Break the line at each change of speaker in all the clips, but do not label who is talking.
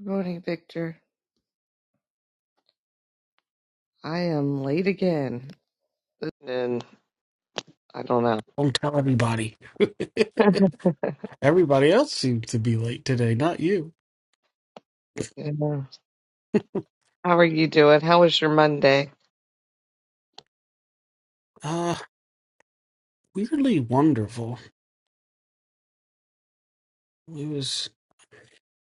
Good morning, Victor. I am late again, and I don't know.
Don't tell everybody. everybody else seemed to be late today, not you.
Yeah. How are you doing? How was your Monday?
Uh, weirdly wonderful. It was.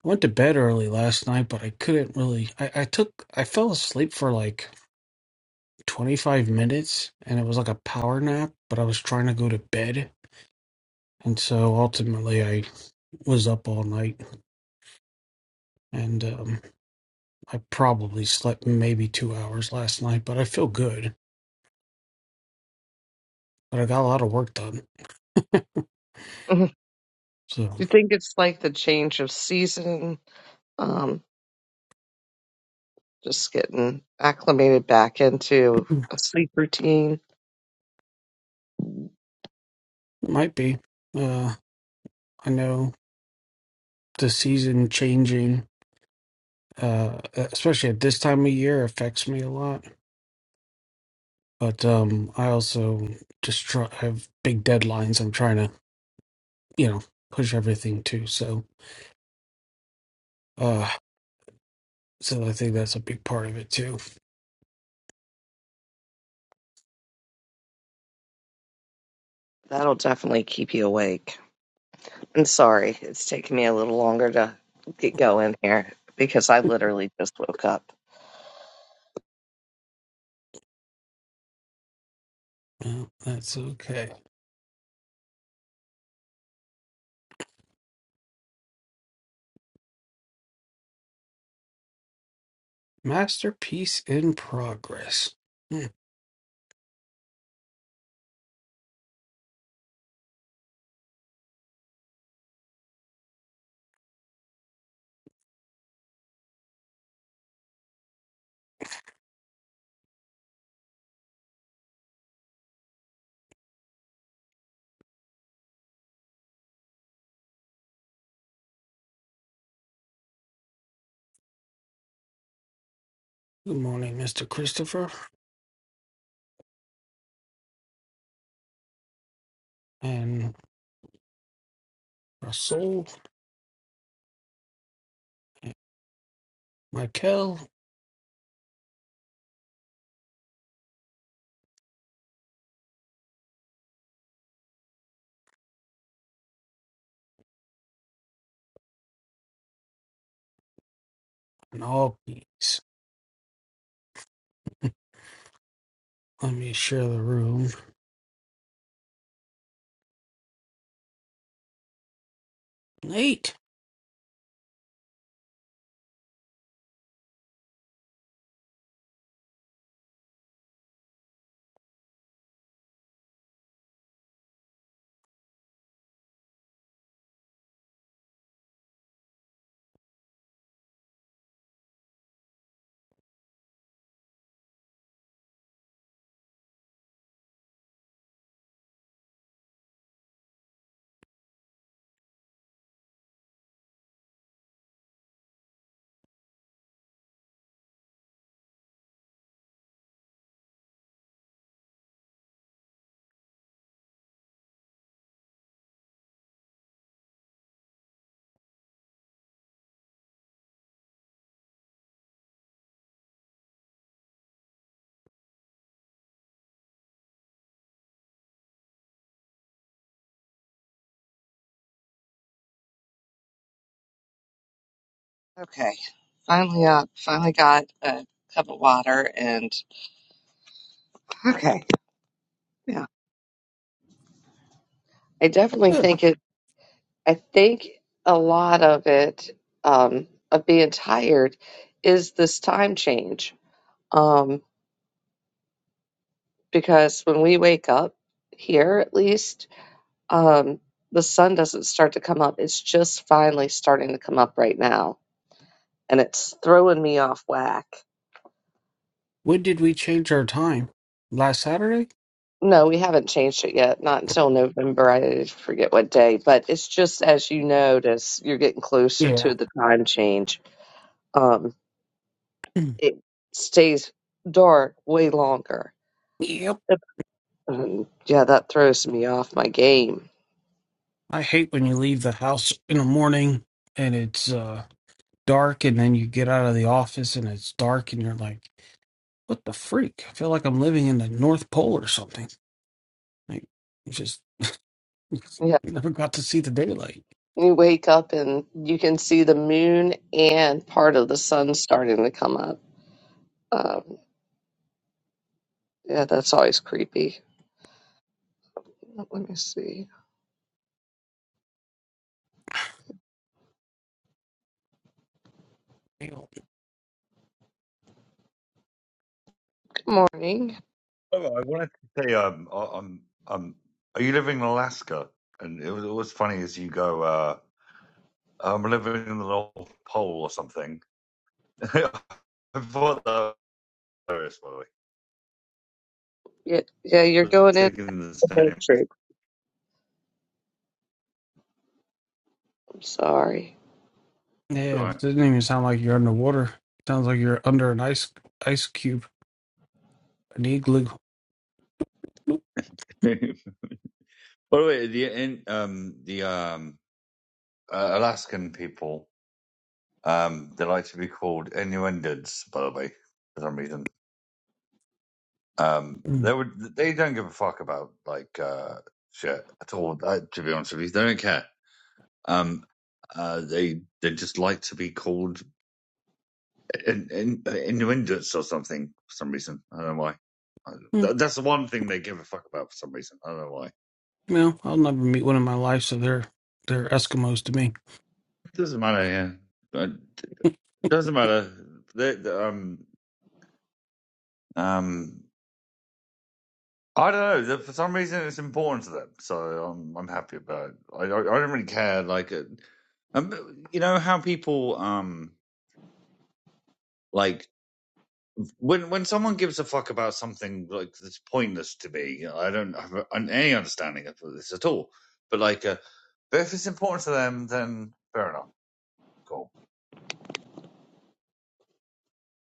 I went to bed early last night, but I couldn't really. I, I took. I fell asleep for like 25 minutes, and it was like a power nap, but I was trying to go to bed. And so ultimately, I was up all night, and um, I probably slept maybe two hours last night, but I feel good. But I got a lot of work done.
Do
So,
you think it's like the change of season? Um, just getting acclimated back into
hmm,
a sleep routine.
might be. Uh, I know the season changing, uh, especially at this time of year, affects me a lot. But um, I also just try, have big deadlines. I'm trying to, you know, push everything too. So, uh, so I think that's a big part of it too.
That'll definitely keep you awake. I'm sorry, it's taking me a little longer to get going here because I literally just woke up.
Well, that's okay. Masterpiece in progress. Hmm. Good morning, Mr. Christopher and Russell, Michael, and all peeps. Let me share the room. Nate.
Okay, finally up. Finally got a cup of water and Okay. Yeah. I definitely think it, I think a lot of it, um, of being tired is this time change. Um, because when we wake up here, at least, um, the sun doesn't start to come up. It's just finally starting to come up right now. And it's throwing me off whack.
When did we change our time? Last Saturday?
No, we haven't changed it yet. Not until November. I forget what day, but it's just as you notice, you're getting closer
Yeah.
to the time change. Um, it stays dark way longer.
Yep.
Yep. Um, yeah, that throws me off my game.
I hate when you leave the house in the morning and it's uh, dark, and then you get out of the office and it's dark, and you're like, "What the freak?" I feel like I'm living in the North Pole or something. Like, you just you
Yeah,
never got to see the daylight.
you wake up and you can see the moon and part of the sun starting to come up. Um, yeah, that's always creepy. Let me see.
Damn.
Good morning.
Oh, I wanted to say, um, I- I'm, um, are you living in Alaska? And it was always funny as you go, uh, I'm living in the North Pole or something. I thought that was hilarious, by the way.
Yeah, yeah, you're
I was
going in
thinking the
the
same. It's
matrix. I'm sorry.
all
Yeah,
right.
it doesn't even sound like you're underwater. sounds like you're under an ice ice cube, an igloo.
by the way, the in, um, the um, uh, Alaskan people, um, they like to be called Inuendids, by the way, for some reason. Um, they
Mm.
would, they don't give a fuck about like uh, shit at all. uh, To be honest with you, they don't care Um, uh, they they just like to be called in, in, innuendous or something for some reason. I don't know why.
Mm.
that's the one thing they give a fuck about for some reason. I don't know why. It
No, I'll never meet one in my life, so they're they're Eskimos to me.
doesn't matter. Yeah, it doesn't matter. They, they- um, um, I don't know. For some reason, it's important to them, so I'm I'm happy about it. I I, I don't really care. Like, uh, um, you know how people um like when when someone gives a fuck about something like that's pointless to me, you know, I don't have any understanding of this at all. But like, uh, but if it's important to them, then fair enough, cool.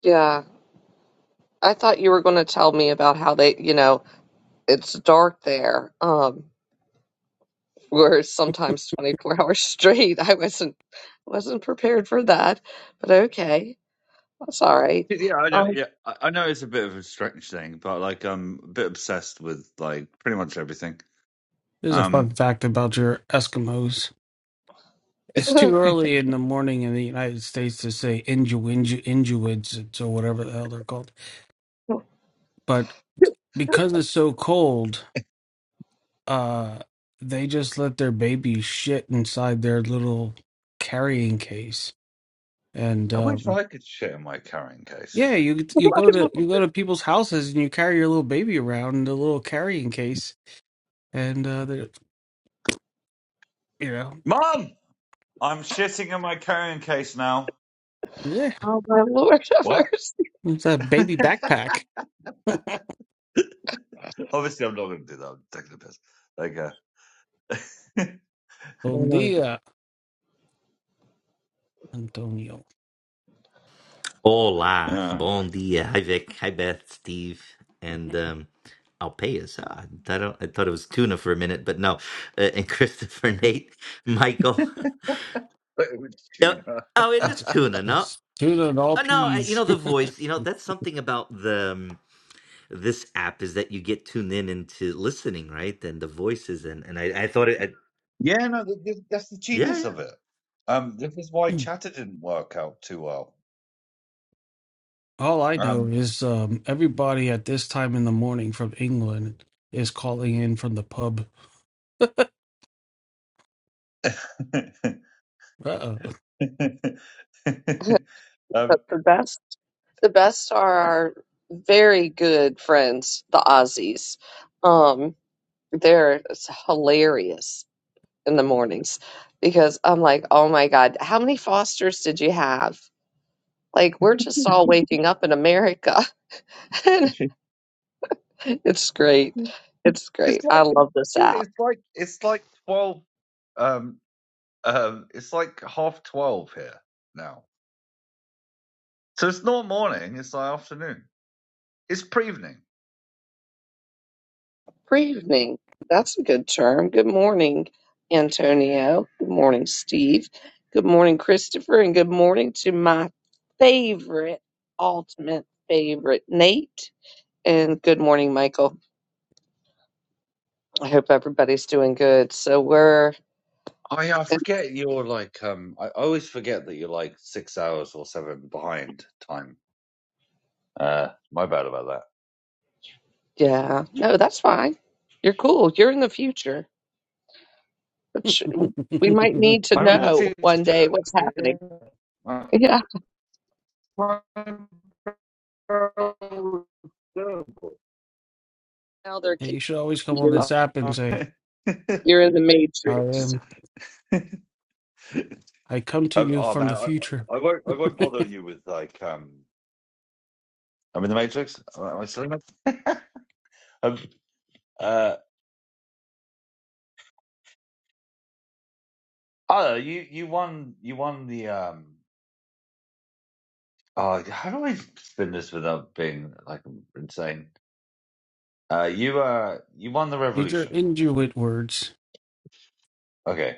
Yeah, I thought you were going to tell me about how they, you know, it's dark there. Um, were sometimes 24 hours straight. I wasn't wasn't prepared for that, but okay, that's all right.
Yeah, I know.
Um,
Yeah, I know it's a bit of a strange thing, but like, I'm a bit obsessed with like pretty much everything.
Here's a fun
Um,
fact about your Eskimos. It's too
I
early in the morning in the United States to say Inju Inju Injuids or whatever the hell they're called. But because it's so cold, uh, they just let their babies shit inside their little carrying case. And
wish
um,
I could shit in my carrying case.
yeah, you you go to you
oh
go to people's houses and you carry your little baby around in the little carrying case, and uh, they're- you know,
Mom, I'm shitting in my carrying case now.
yeah,
my Lord, have
What?
mercy.
it's a baby backpack.
Obviously, I'm not going to do that. I'm taking the piss. Like, uh,
Bon
Mm.
dia, Antonio.
Hola,
uh,
bom dia. Hi Vic, hi Beth, Steve, and um, Alpeas. Ah, I, don't, I thought it was tuna for a minute, but no. Uh, and Christopher, Nate, Michael.
It was
oh,
tuna.
oh, it is
It's
tuna, no?
it's tuna and all
Oh, no, I, you
peas.
know the voice. You know that's something about the um, this app is that you get tuned in into listening, right? And the voices, and and I, I thought it. I,
yeah, no, th- th- that's the
yeah,
genius
yeah.
of it. Um, this is why Chatter didn't work out too well.
all I know
Um,
is um, everybody at this time in the morning from England is calling in from the pub. Uh
um,
But the best, the best are our very good friends, the Aussies. Um, they're hilarious in the mornings because I'm like, oh my God, how many Fosters did you have? Like we're just all waking up in America
it's
It's great. It's great. I
like,
love this
dude,
app.
it's like it's like twelve. Um, um, it's like half twelve here now, so it's not morning. It's like afternoon. It's pre-evening.
Pre-evening. That's a good term. Good morning, Antonio. Good morning, Steve. Good morning, Christopher. And good morning to my favorite, ultimate favorite, Nate. And good morning, Michael. I hope everybody's doing good. So we're,
Oh yeah, I forget you're like um I always forget that you're like six hours or seven behind time. Uh, my bad about that.
yeah, no, that's fine. You're cool. You're in the future, which we might
oh.
need to
I'm in the
know one day
future.
what's
Yeah.
happening. Yeah. Now they're
Hey,
keeping
you should always come on
you.
this app and say,
You're in the
"I
matrix.
am. I come to you
oh
from
man,
the
I,
future."
I won't. I won't bother you with like. Um, I'm in the Matrix. Am I still in the um, uh, oh, you you won. You won the. Um, oh, how do I spin this without being like insane? Uh, you uh, you won the
These are
revolution.
Inuit words.
Okay.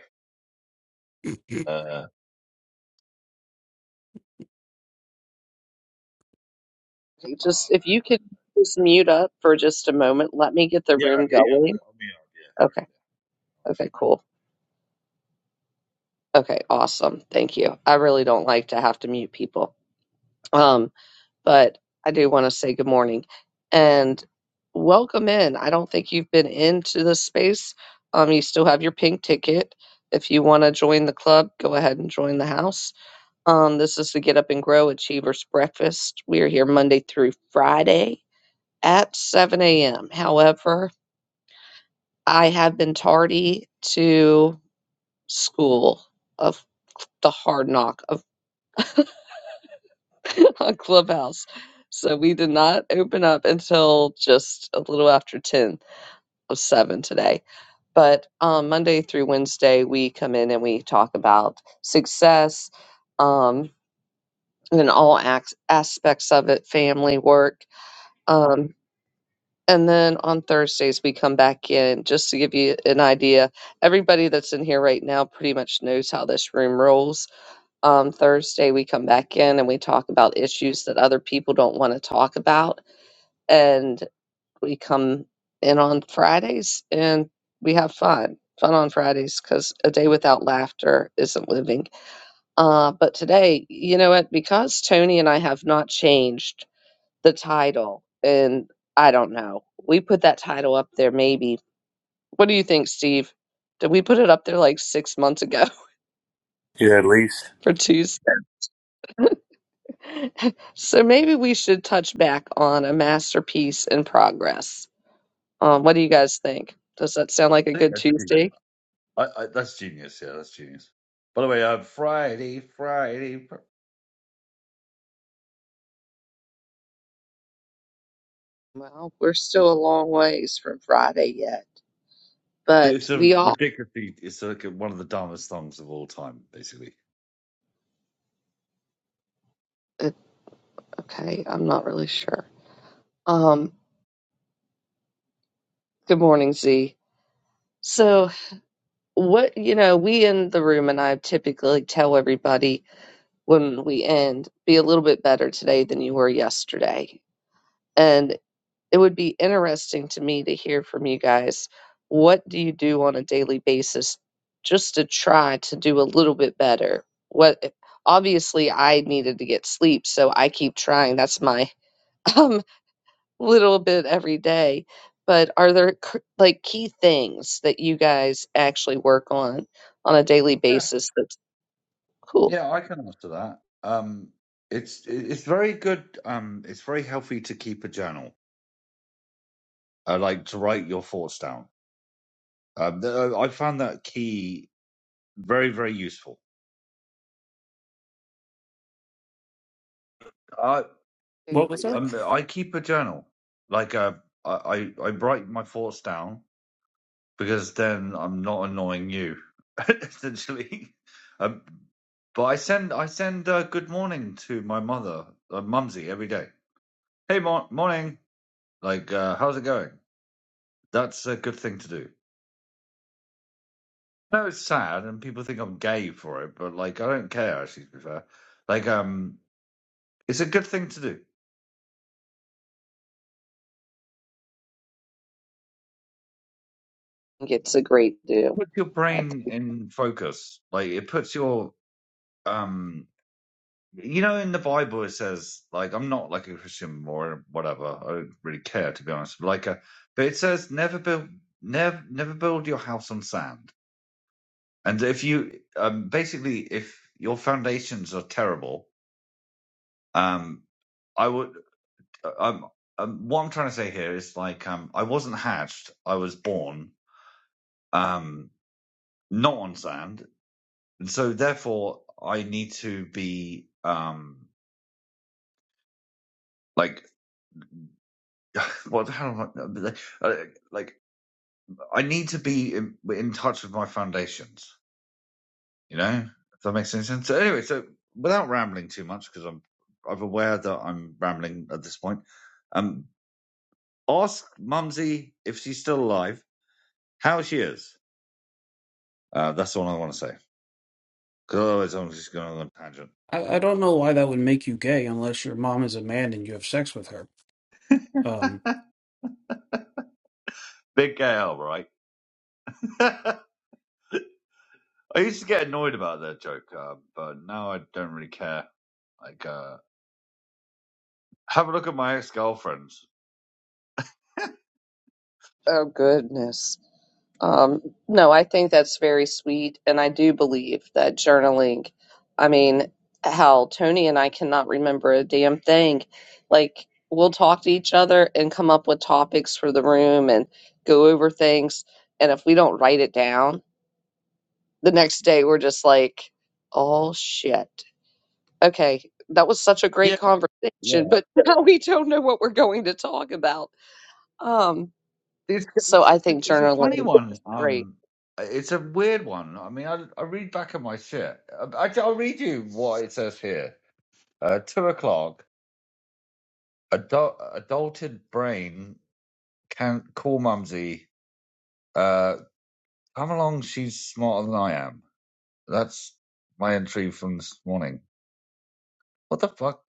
Uh,
Okay,
oh
Just if you
man.
could just mute up for just a moment, let me get the
Yeah,
room
okay, yeah.
going. Okay. Okay, cool. Okay, awesome. Thank you. I really don't like to have to mute people. Um, but I do want to say good morning and welcome in. I don't think you've been into this space. Um, you still have your pink ticket. If you want to join the club, go ahead and join the house. Um, this is the Get Up and Grow Achievers Breakfast. We are here Monday through Friday at 7 a.m. However, I have been tardy to school of the hard knock of on Clubhouse. So we did not open up until just a little after 10 of 7 today. But um, Monday through Wednesday, we come in and we talk about success um, and all ac- aspects of it family, work. Um, And then on Thursdays, we come back in just to give you an idea. Everybody that's in here right now pretty much knows how this room rolls. Um, Thursday, we come back in and we talk about issues that other people don't want to talk about. And we come in on Fridays and we have fun. Fun on Fridays because a day without laughter isn't living. Uh, but today, you know what? Because Tony and I have not changed the title. And I don't know. We put that title up there maybe. What do you think, Steve? Did we put it up there like six months ago
Yeah, at least
for Tuesday? so maybe we should touch back on a masterpiece in progress. Um, what do you guys think? Does that sound like a
I, I mean, uh,
good
yeah, fair enough. Yeah, no worries.
Tuesday?
I think that's genius. I, I, that's genius. Yeah, that's genius. By the way, uh, Friday, Friday. Fr-
Well, we're still a long ways from Friday yet, but
It's a
we all.
ridiculously. It's like one of the dumbest songs of all time, basically.
uh, Okay, I'm not really sure. Um, good morning, Z. So what you know we in the room and i typically tell everybody when we end be a little bit better today than you were yesterday and it would be interesting to me to hear from you guys what do you do on a daily basis just to try to do a little bit better what obviously i needed to get sleep so i keep trying that's my um little bit every day. But are there c- like key things that you guys actually work on on a daily
Yeah,
basis that's cool?
yeah, I can answer that. Um, it's it- it's very good. Um, it's very healthy to keep a journal. Uh, like to write your thoughts down. Um, th- I found that key very very useful.
What was
Agree.
that?
Um, I keep a journal. Like, uh, I, I I write my thoughts down because then I'm not annoying you, essentially. Um, but I send I send uh, good morning to my mother, uh, Mumsy, every day. Hey, mor morning. Like, uh, how's it going? That's a good thing to do. No, it's sad, and people think I'm gay for it, but like, I don't care. Actually, to be fair, like, um, it's a good thing to do.
I think It's a great do.
Puts your
I th-
brain in focus. Like, it puts your um You know, in the Bible, it says, like, I'm not like a Christian or whatever. I don't really care, to be honest. Like, uh, but it says, never build, never, never build your house on sand. And if you, um, basically, if your foundations are terrible, um, I would, uh, um, um, what I'm trying to say here is like, um, I wasn't hatched. I was born, um, not on sand. And so therefore I need to be, um, like, what, how, do I- uh, like, uh, like, I need to be in, in touch with my foundations. You know, if that makes any sense. So anyway, so without rambling too much, because I'm I'm aware that I'm rambling at this point. Um, ask Mumsy if she's still alive, how she is. Uh, that's all I want to say. Because otherwise, I'm just going on a tangent.
I, I don't know why that would make you gay unless your mom is a man and you have sex with her. Um,
Big gay L, right? I used to get annoyed about that joke, uh, but now I don't really care. Like, uh, have a look at my ex girlfriends.
oh goodness. Um, no, I think that's very sweet, and I do believe that journaling. I mean, hell, Tony and I cannot remember a damn thing. Like we'll talk to each other and come up with topics for the room and go over things, and if we don't write it down the next day we're just like, oh shit. Okay, that was such a great
Yeah,
conversation, but now we don't know what we're going to talk about. Um,
It's
so
it's
I
it's a,
think
it's a funny
journaling
one.
is great.
Um, it's a weird one. I mean, I I read back at my shit. I, will read you what it says here. Uh, two o'clock. Adult, adulted brain can't call mumsy. Uh, come along. She's smarter than I am. That's my entry from this morning. What the fuck?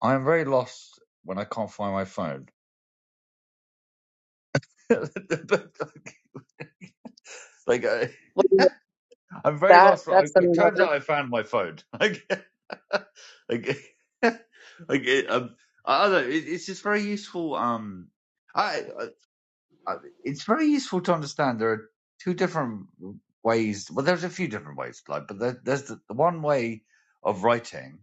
I am very lost when I can't find my phone. like, uh,
Well,
I'm very
That
lost. For, I,
that's
it turns
another.
out I found my phone. Like, like, like it, um, I don't know. It, it's just very useful. Um, I, I, I, it's very useful to understand there are two different ways. Well, there's a few different ways, like, but there, there's the, the one way of writing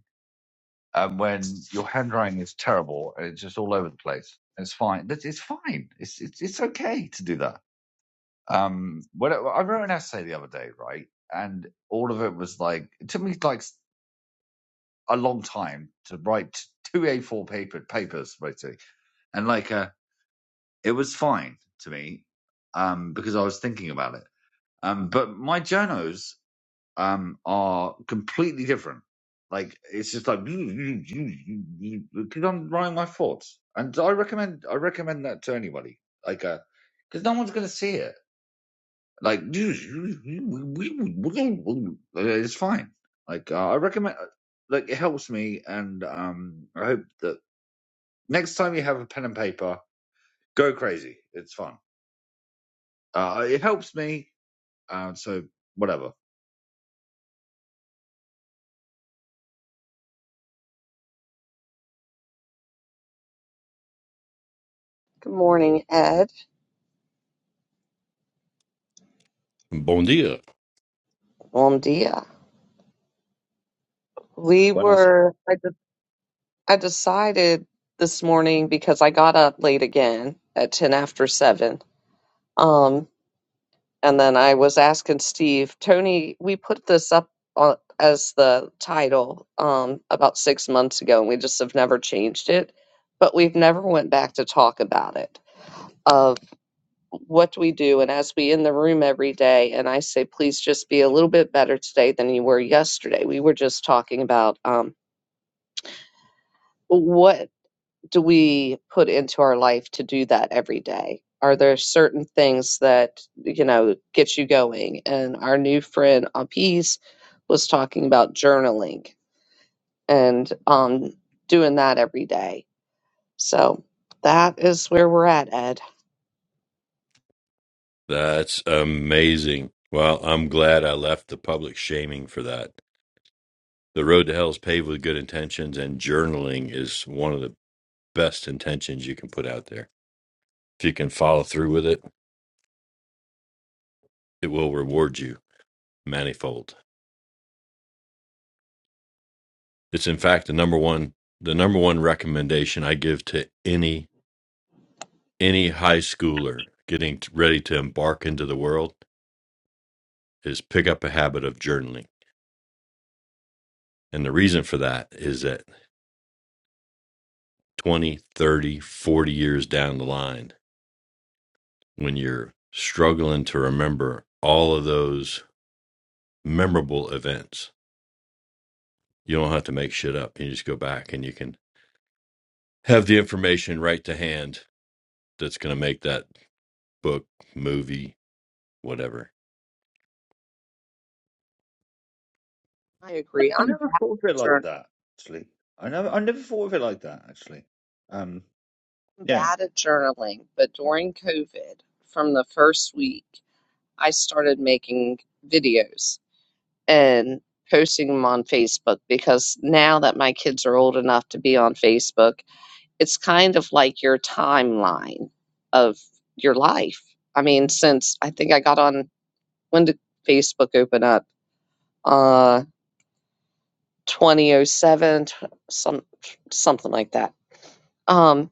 um, when your handwriting is terrible and it's just all over the place. It's fine. That's- It's fine. It's it's it's okay to do that um, when I, I wrote an essay the other day, right, and all of it was like it took me like a long time to write two A4 paper papers basically, and like uh, it was fine to me, um, because I was thinking about it. Um, but my journos um are completely different. Like it's just like because I'm writing my thoughts, and I recommend I recommend that to anybody, like uh, because no one's gonna see it Like, dude, we, we, we, we're gonna- it's fine. Like, uh, I recommend, like, it helps me, and um, I hope that next time you have a pen and paper, go crazy. It's fun. Uh, it helps me, uh, so whatever.
Good morning, Ed.
Bon dia.
Bon dia. We
When I, s-
were. I de- I decided this morning because I got up late again at ten after seven. Um. And then I was asking Steve, Tony, we put this up on, as the title um, about six months ago, and we just have never changed it. But we've never went back to talk about it of what do we do. And as we in the room every day, and I say, please just be a little bit better today than you were yesterday. We were just talking about um, what do we put into our life to do that every day? Are there certain things that, you know, get you going? And our new friend Apis was talking about journaling and um, doing that every day. So that is where we're at, Ed.
That's amazing. Well, I'm glad I left the public shaming for that. The road to hell is paved with good intentions, and journaling is one of the best intentions you can put out there. If you can follow through with it, it will reward you manifold. It's in fact the number one the number one recommendation I give to any any high schooler getting t- ready to embark into the world is pick up a habit of journaling. And the reason for that is that 20, 30, forty years down the line when you're struggling to remember all of those memorable events. You don't have to make shit up. You just go back and you can have the information right to hand that's going to make that book, movie, whatever.
I agree.
I
I'm
never
bad
thought
at,
of it like
jour-
that. Actually, I never, I never thought of it like that. Actually, um,
I'm
yeah.
bad at journaling, but during COVID, from the first week, I started making videos and posting them on Facebook because now that my kids are old enough to be on Facebook, it's kind of like your timeline of your life. I mean, since I think I got on, when did Facebook open up? Uh, 2007, some something like that. Um,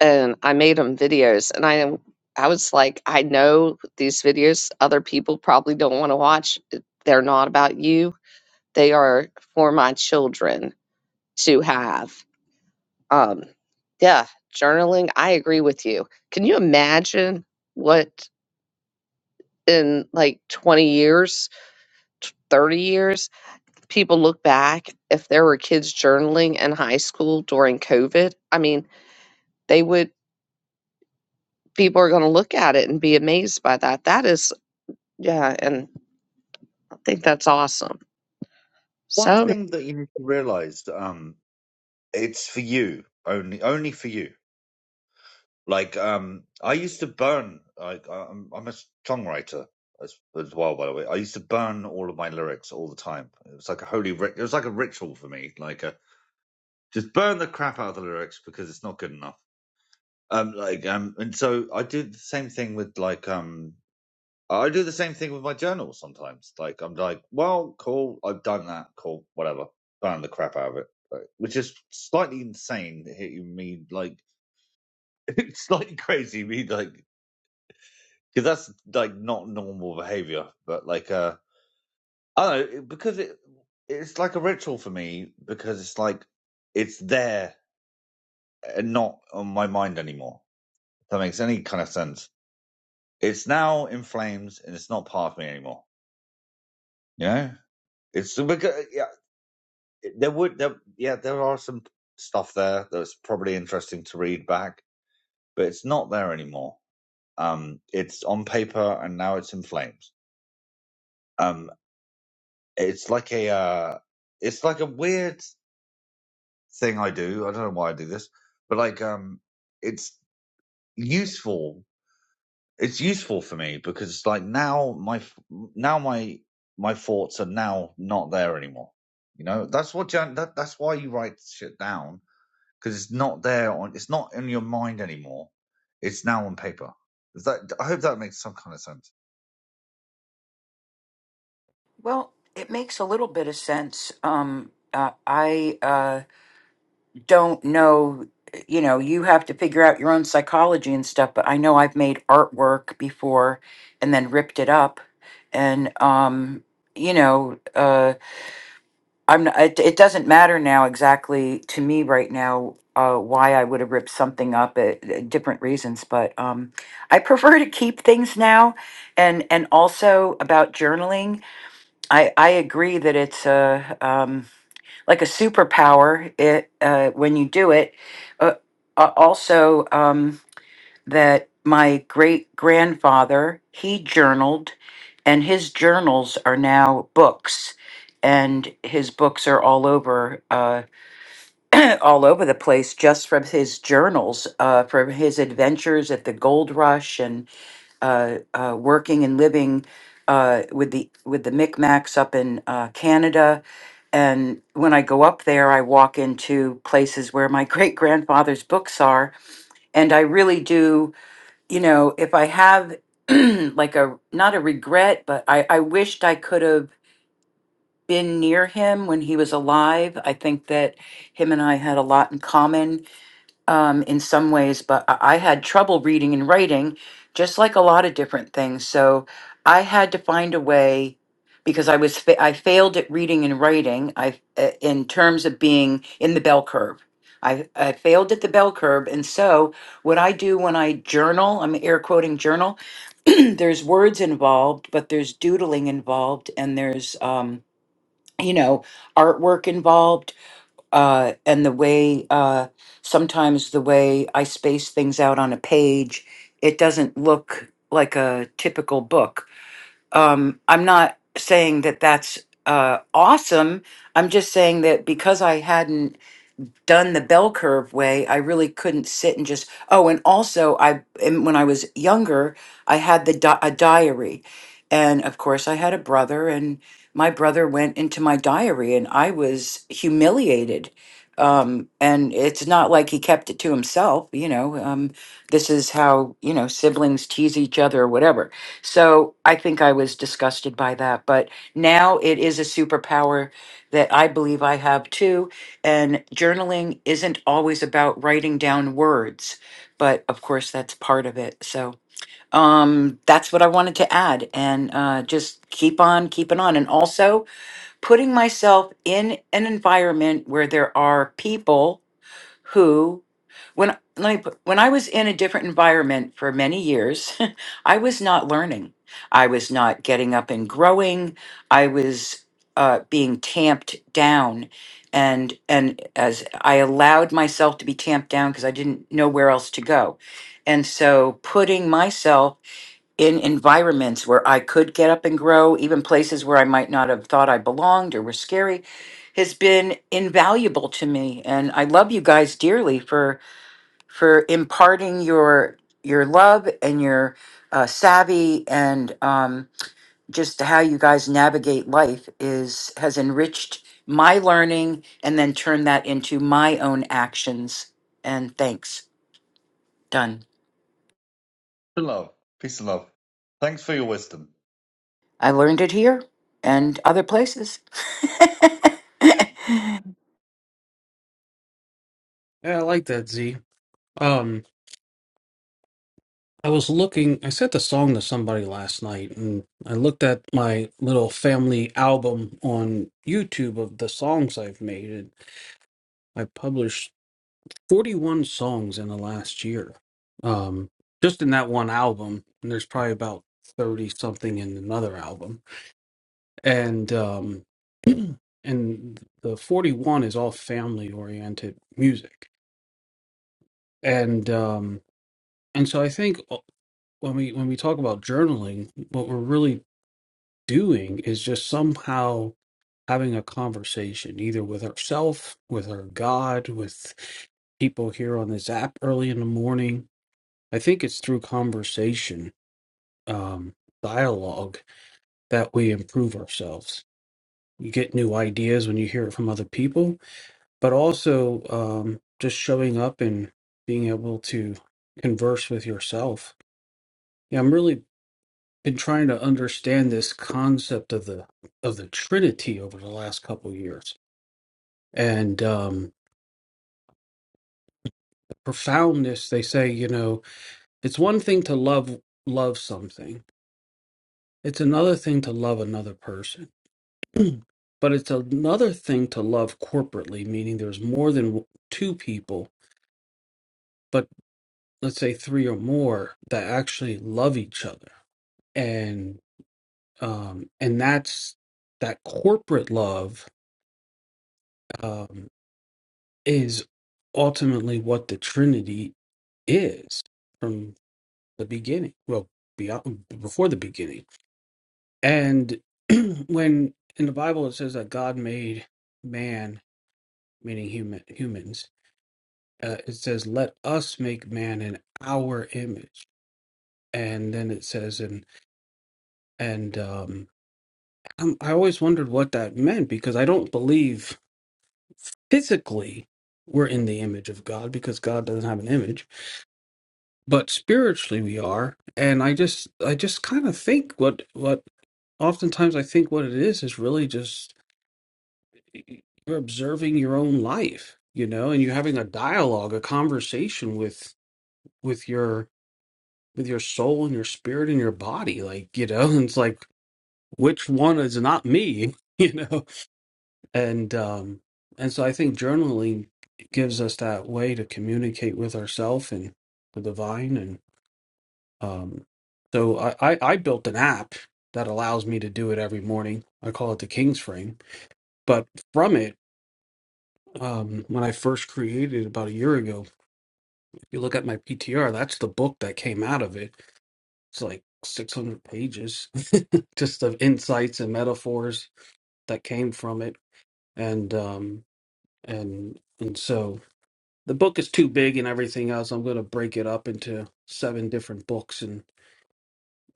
and I made them videos, and I I was like, I know these videos other people probably don't want to watch. They're not about you. They are for my children to have. Um, yeah, journaling. I agree with you. Can you imagine what in like 20 years, t- 30 years, people look back if there were kids journaling in high school during COVID? I mean, they would, people are going to look at it and be amazed by that. That is, yeah, and I think that's awesome.
One
So
thing that you need to realize, um, it's for you only, only for you Like, um, I used to burn. like, I, I'm, I'm a songwriter as, as well, by the way. I used to burn all of my lyrics all the time. It was like a holy. Ri- it was like a ritual for me. Like, a, just burn the crap out of the lyrics because it's not good enough. Um, like, um, and so I do the same thing with like, um, I do the same thing with my journal sometimes. Like, I'm like, well, cool, I've done that, cool, whatever, burn the crap out of it. Like, Which is slightly insane, hitting me like it's slightly crazy. Me like because that's like not normal behavior but like uh i don't know because it it's like a ritual for me because it's like it's there and not on my mind anymore if that makes any kind of sense it's now in flames and it's not part of me anymore you know it's uh, because uh, yeah there would there, yeah there are some stuff there that's probably interesting to read back but it's not there anymore um it's on paper and now it's in flames Um. it's like a uh it's like a weird thing I do. I don't know why I do this, but like um it's useful. It's useful for me because like now my now my my thoughts are now not there anymore. You know, that's what Jan, that that's why you write shit down because it's not there on it's not in your mind anymore. It's now on paper. Is that I hope that makes some kind of sense.
Well, it makes a little bit of sense. Um, uh, I uh, don't know, you know, you have to figure out your own psychology and stuff, but I know I've made artwork before and then ripped it up. And, um, you know, uh, I'm not, it, it doesn't matter now exactly to me right now uh, why I would have ripped something up at, at different reasons, but um, I prefer to keep things now. And, and also about journaling. I, I agree that it's a um, like a superpower it, uh, when you do it. Uh, a- also, um, that my great grandfather he journaled, and his journals are now books, and his books are all over uh, all over the place just from his journals, uh, from his adventures at the gold rush and uh, uh, working and living uh, with the with the Micmacs up in uh, Canada and when I go up there, I walk into places where my great grandfather's books are. And I really do, you know, if I have like a, not a regret, but I, I wished I could have been near him when he was alive. I think that him and I had a lot in common um, in some ways, but I I had trouble reading and writing, just like a lot of different things. So I had to find a way because I was fa- I failed at reading and writing. I uh, in terms of being in the bell curve. I, I failed at the bell curve. And so, what I do when I journal, I'm air quoting journal, there's words involved, but there's doodling involved, and there's, um, you know, artwork involved uh, and the way uh, sometimes the way I space things out on a page, it doesn't look like a typical book. Um, I'm not saying that that's uh, awesome. I'm just saying that because I hadn't done the bell curve way, I really couldn't sit and just. Oh, and also, I and when I was younger, I had the di- a diary, and of course, I had a brother, and my brother went into my diary, and I was humiliated. Um, and it's not like he kept it to himself, you know. Um, this is how you know siblings tease each other or whatever. So I think I was disgusted by that, but now it is a superpower that I believe I have too and journaling isn't always about writing down words, but of course that's part of it. So um, that's what I wanted to add, and uh, just keep on keeping on. And also putting myself in an environment where there are people who when let me put, when I was in a different environment for many years, I was not learning. I was not getting up and growing. I was uh, being tamped down, and and as I allowed myself to be tamped down because I didn't know where else to go, and so putting myself in environments where I could get up and grow, even places where I might not have thought I belonged or were scary, has been invaluable to me. And I love you guys dearly for for imparting your your love and your uh, savvy and um, just how you guys navigate life is has enriched my learning and then turned that into my own actions. And thanks. Done.
Love, peace and love. Thanks for your wisdom.
I learned it here and other places.
yeah, I like that Z. Um, I was looking, I sent a song to somebody last night, and I looked at my little family album on YouTube of the songs I've made, and I published 41 songs in the last year. Um, just in that one album, and there's probably about 30 something in another album. And um, and the 41 is all family oriented music. And um, and so I think uh, when we when we talk about journaling, what we're really doing is just somehow having a conversation either with herself with her god with people here on this app early in the morning i think it's through conversation um, dialogue that we improve ourselves you get new ideas when you hear it from other people but also um, just showing up and being able to converse with yourself yeah i'm really been trying to understand this concept of the of the Trinity over the last couple years and um, the profoundness. They say, you know, it's one thing to love love something; it's another thing to love another person. but it's another thing to love corporately, meaning there's more than w- two people, but let's say three or more that actually love each other, and um, and that's that corporate love. Um, is ultimately what the Trinity is from the beginning. Well, beyond before the beginning. And when in the Bible it says that God made man, meaning human humans, uh, it says, "Let us make man in our image." And then it says, and and um, I'm, I always wondered what that meant because I don't believe physically we're in the image of God because God doesn't have an image but spiritually we are and i just i just kind of think what what oftentimes i think what it is is really just you're observing your own life you know and you're having a dialogue a conversation with with your with your soul and your spirit and your body like you know and it's like which one is not me you know and um and so i think journaling gives us that way to communicate with ourself and the divine Um, so I, I, I built an app that allows me to do it every morning. I call it the King's Frame. But from it, um, when I first created it about a year ago, if you look at my PTR, that's the book that came out of it. It's like 600 pages just of insights and metaphors that came from it. And um, and and so the book is too big and everything else. I'm going to break it up into seven different books and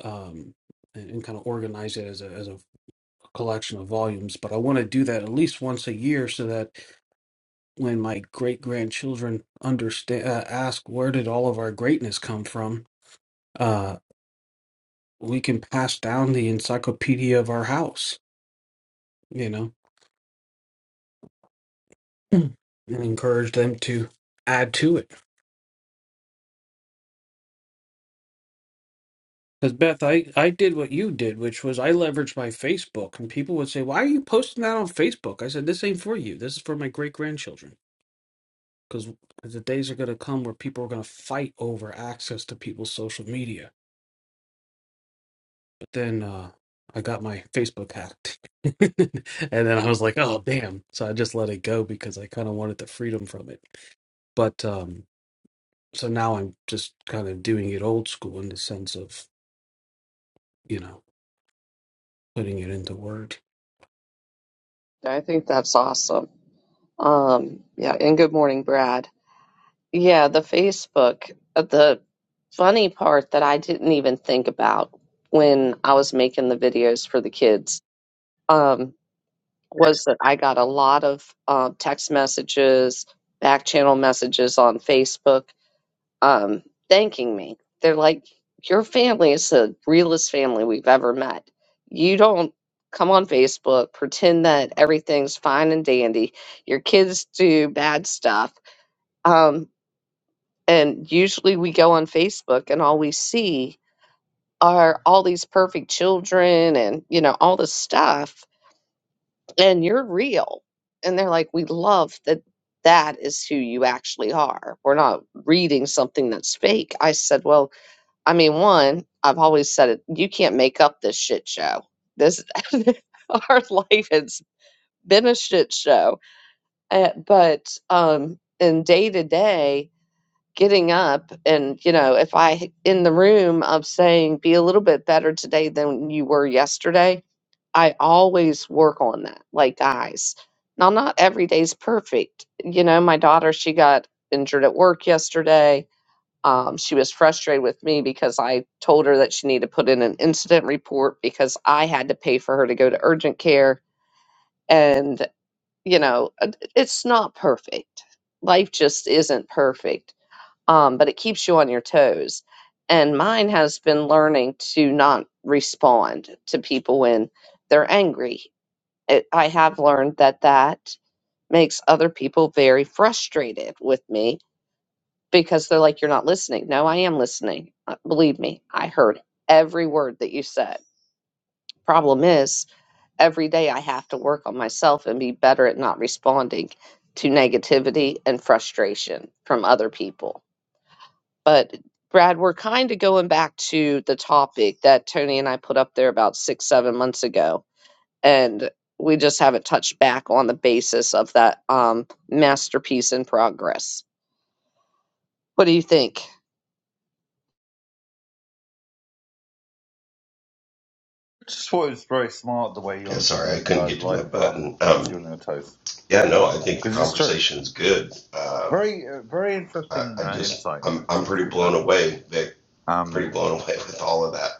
um, and, and kind of organize it as a as a collection of volumes, but I want to do that at least once a year so that when my great grandchildren understand uh, ask where did all of our greatness come from, uh, we can pass down the encyclopedia of our house, you know, Mm. and encourage them to add to it. Because Beth, I, I did what you did, which was I leveraged my Facebook, and people would say, "Why are you posting that on Facebook?" I said, "This ain't for you. This is for my great grandchildren." because the days are going to come where people are going to fight over access to people's social media. But then uh, I got my Facebook hacked, and then I was like, "Oh damn!" So I just let it go because I kind of wanted the freedom from it. But um, so now I'm just kind of doing it old school in the sense of you know putting it into Word.
I think that's awesome. Um, yeah, and good morning, Brad. Yeah, the Facebook. uh, The funny part that I didn't even think about when I was making the videos for the kids um, was that I got a lot of uh, text messages, back channel messages on Facebook um, thanking me. They're like, Your family is the realest family we've ever met. You don't come on Facebook, pretend that everything's fine and dandy. Your kids do bad stuff. Um, and usually we go on Facebook and all we see are all these perfect children and, you know, all this stuff. And you're real. And they're like, we love that that is who you actually are. We're not reading something that's fake. I said, well, I mean, one, I've always said it, you can't make up this shit show. This, our life has been a shit show. Uh, but, um, in day to day, getting up and you know if i in the room of saying be a little bit better today than you were yesterday i always work on that like guys now not every day's perfect you know my daughter she got injured at work yesterday um, she was frustrated with me because i told her that she needed to put in an incident report because i had to pay for her to go to urgent care and you know it- it's not perfect life just isn't perfect um, but it keeps you on your toes. And mine has been learning to not respond to people when they're angry. It, I have learned that that makes other people very frustrated with me because they're like, You're not listening. No, I am listening. Uh, Believe me, I heard every word that you said. Problem is, every day I have to work on myself and be better at not responding to negativity and frustration from other people But Brad, we're kind of going back to the topic that Tony and I put up there about six, seven months ago. And we just haven't touched back on the basis of that um, masterpiece in progress. What do you think?
Just thought it was very smart the way you
Yeah, sorry, I
understood
couldn't
uh,
get to my
life um,
button. Um,
puts you on your toes
yeah, no, I think the
because it's true.
conversation's good. Um,
Very, uh, very
I,
interesting
I
uh,
just,
insight,
I'm, I'm
actually. To
pretty
be
blown
fair,
away, Vic, pretty
um,
blown away with all of that.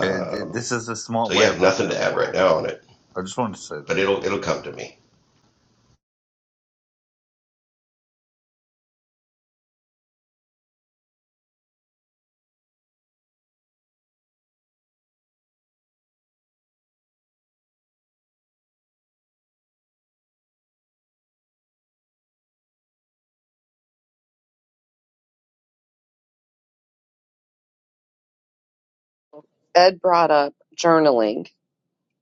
it, it, this is a smart
so
way
yeah,
of looking
nothing
at
to
the
add right
world.
now on it,
I just wanted to say that.
but it'll, it'll come to me.
Ed brought up journaling.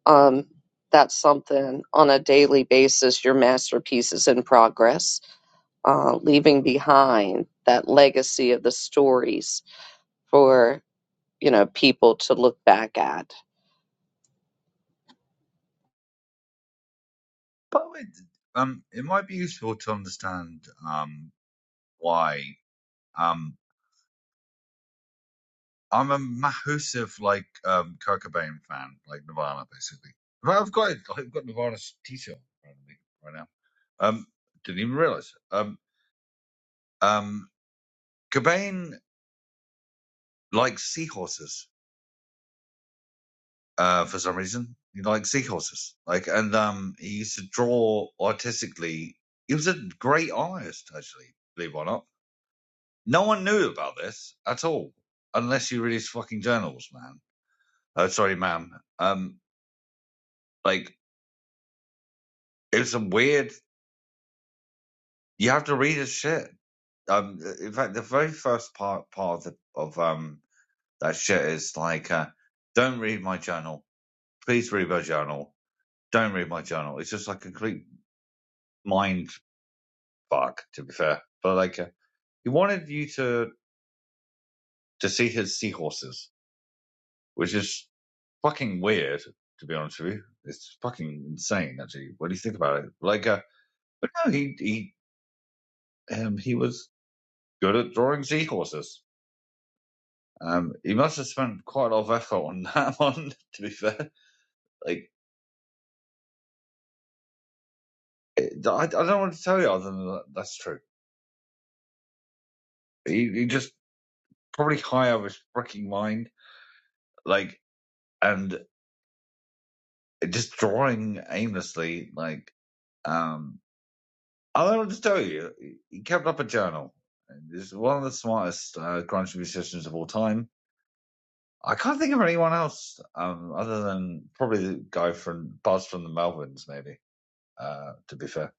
Um, that's something on a daily basis, your masterpiece is in progress, uh, leaving behind that legacy of the stories for, you know, people to look back at
But it, um, it might be useful to understand um, why um, I'm a massive like um, Kurt Cobain fan, like Nirvana, basically. But I've got I've got Nirvana's t-shirt right now. Um, didn't even realize. it. Um, um, Cobain likes seahorses uh, for some reason. He liked seahorses, like, and um, he used to draw artistically. He was a great artist, actually. Believe it or not, no one knew about this at all, unless you read his fucking journals, man. Uh, sorry, ma'am. Um, like, it was a weird. You have to read his shit. Um, in fact, the very first part part of, the, of um that shit is like, uh, don't read my journal. Please read my journal Don't read my journal. It's just like a complete mind fuck, to be fair. But like, uh, he wanted you to to see his seahorses, which is fucking weird, to be honest with you. It's fucking insane, actually. What do you think about it? Like, uh, but no, he he um, he was good at drawing seahorses. Um, he must have spent quite a lot of effort on that one, to be fair. Like, I, I don't want to tell you other than that, that's true. He, he just probably high out of his freaking mind. Like, and just drawing aimlessly, like, um, I'll just tell you, he kept up a journal. He's one of the smartest uh, grunge musicians of all time. I can't think of anyone else, um, other than probably the guy from Buzz from the Melvins, maybe, uh, to be fair.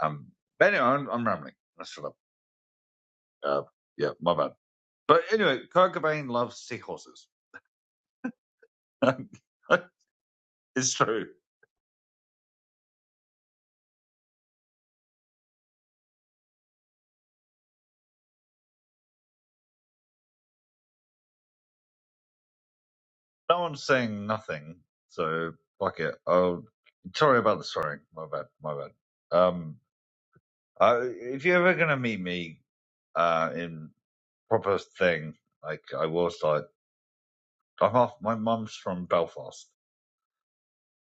Um, but anyway, I'm, I'm rambling. Let's shut up. Uh, yeah, my bad. But anyway, Kurt Cobain loves seahorses. it's true. No one's saying nothing, so fuck it. Oh, sorry about the swearing. My bad. My bad. Um, I, if you're ever gonna meet me, uh, in proper thing, like I was like, I'm half. My mum's from Belfast.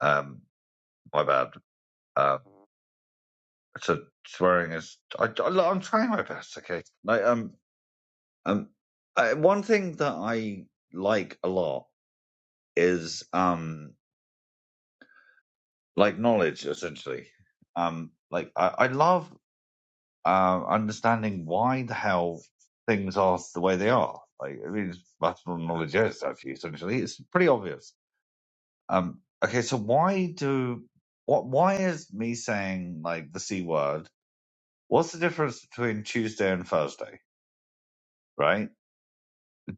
Um, my bad. Uh, so swearing is. I, I, am trying my best. Okay. Like um um, I, one thing that I like a lot is um like knowledge essentially. Um, like I, I love um, understanding why the hell things are the way they are. Like, I mean, it's mathematical knowledge is actually essentially. It's pretty obvious. Um, okay, so why do what? Why is me saying like the c word? What's the difference between Tuesday and Thursday? Right?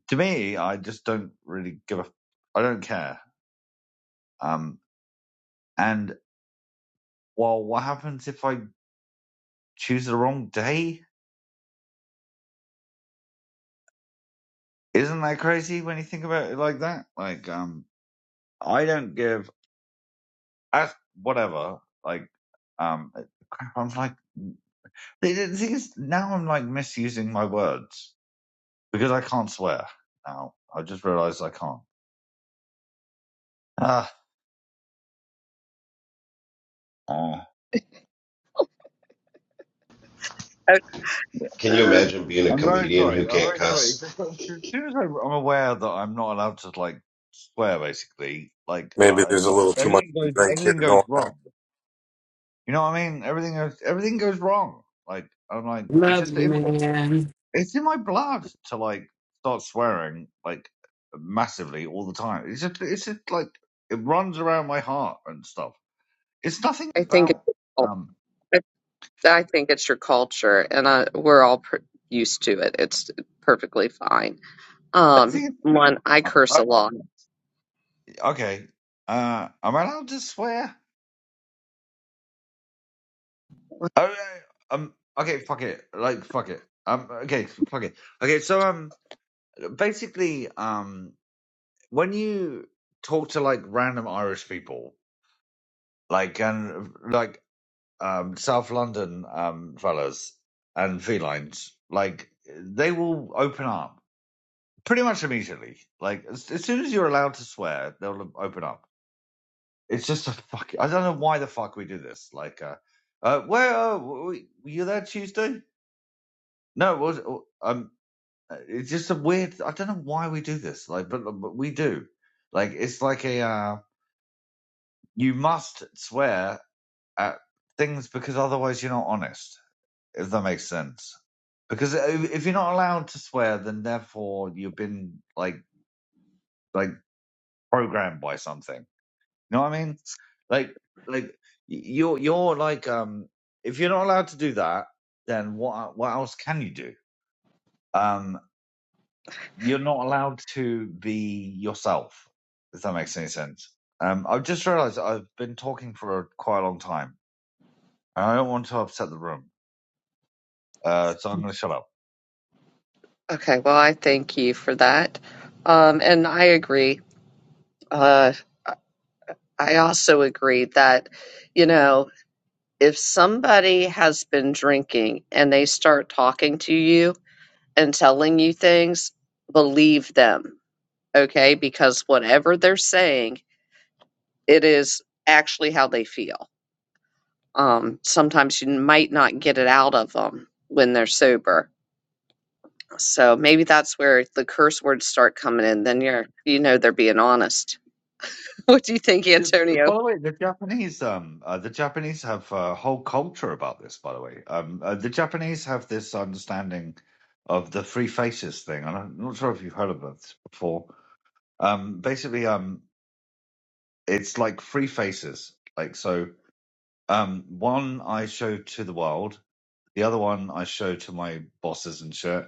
To me, I just don't really give a. I don't care. Um, and well, what happens if I choose the wrong day? Isn't that crazy when you think about it like that? Like, um, I don't give. I whatever. Like, um, eh, crap. I'm like, mm, the thing is, now I'm like misusing my words because I can't swear now. I just realised I can't. Ah, uh,
I,
yeah.
Can you imagine being a
I'm very
comedian who
sorry. I'm
can't
very sorry.
cuss?
As soon as I- I'm aware that I'm not allowed to like swear, basically, like
maybe
uh,
there's a little too much
everything
to
goes,
drink here
everything
going
goes
on.
wrong. You know what I mean? Everything goes, everything goes wrong. Like I'm like, it's
Love,
just in my
man.
it's in my blood to like start swearing like massively all the time. It's just, it's just like it runs around my heart and stuff. It's nothing
I think it's
about
your cul-
um.
I, I think it's your culture, and uh, we're all pr- used to it. It's perfectly fine.
I
Um,
think
one, I
I,
curse a lot.
I- okay. Uh, am I allowed to swear? Oh, um. Okay, fuck it. Like, fuck it. Um. Okay, fuck it. Okay, so um, basically, um, when you talk to like random Irish people, like and like um, South London um, fellas and felines, like they will open up pretty much immediately. Like as, as soon as you're allowed to swear, they'll open up. It's just a fuck. I don't know why the fuck we do this. Like, uh, uh where uh, were you there Tuesday? No, it was um. uh, It's just a weird. I don't know why we do this. Like, but, but we do. Like, it's like a uh, you must swear at things because otherwise you're not honest if that makes sense. Because if you're not allowed to swear, then therefore you've been like like programmed by something. You know what I mean? Like like you're you're like um if you're not allowed to do that, then what what else can you do? Um, you're not allowed to be yourself. If that makes any sense. Um, I've just realised I've been talking for a quite a long time, and I don't want to upset the room. Uh, so I'm going to shut up.
Okay, well, I thank you for that. Um, and I agree. Uh, I also agree that, you know, if somebody has been drinking and they start talking to you and telling you things, believe them, okay? Because whatever they're saying, it is actually how they feel. Um, sometimes you might not get it out of them when they're sober. So maybe that's where the curse words start coming in. Then you're, you know, they're being honest. What do you think,
The- By
Antonio?
the way, the Japanese, um, uh, the Japanese have a whole culture about this. By the way, um, uh, the Japanese have this understanding of the three faces thing, and I'm not sure if you've heard of this before. Um, basically, um, it's like three faces. Like so, um, one I show to the world, the other one I show to my bosses and shit,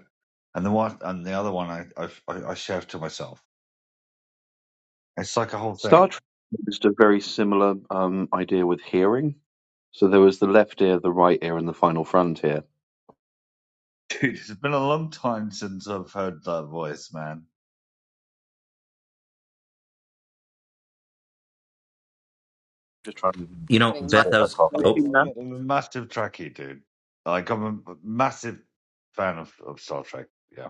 and the one and the other one I I, I share to myself. It's like a whole
Star
thing,
Trek used a very similar um, idea with hearing. So there was the left ear, the right ear, and the final frontier.
dude. It's been a long time since I've heard that voice, man.
Just trying to
You know,
Morning, Mike.
Beth,
spit
I
a
was.
Thank
coffee.
Oh,
Oh.
you,
I'm
Ma.
a I'm a massive Trekkie, dude. Like, I'm a a massive fan of, of Star Trek. Yeah.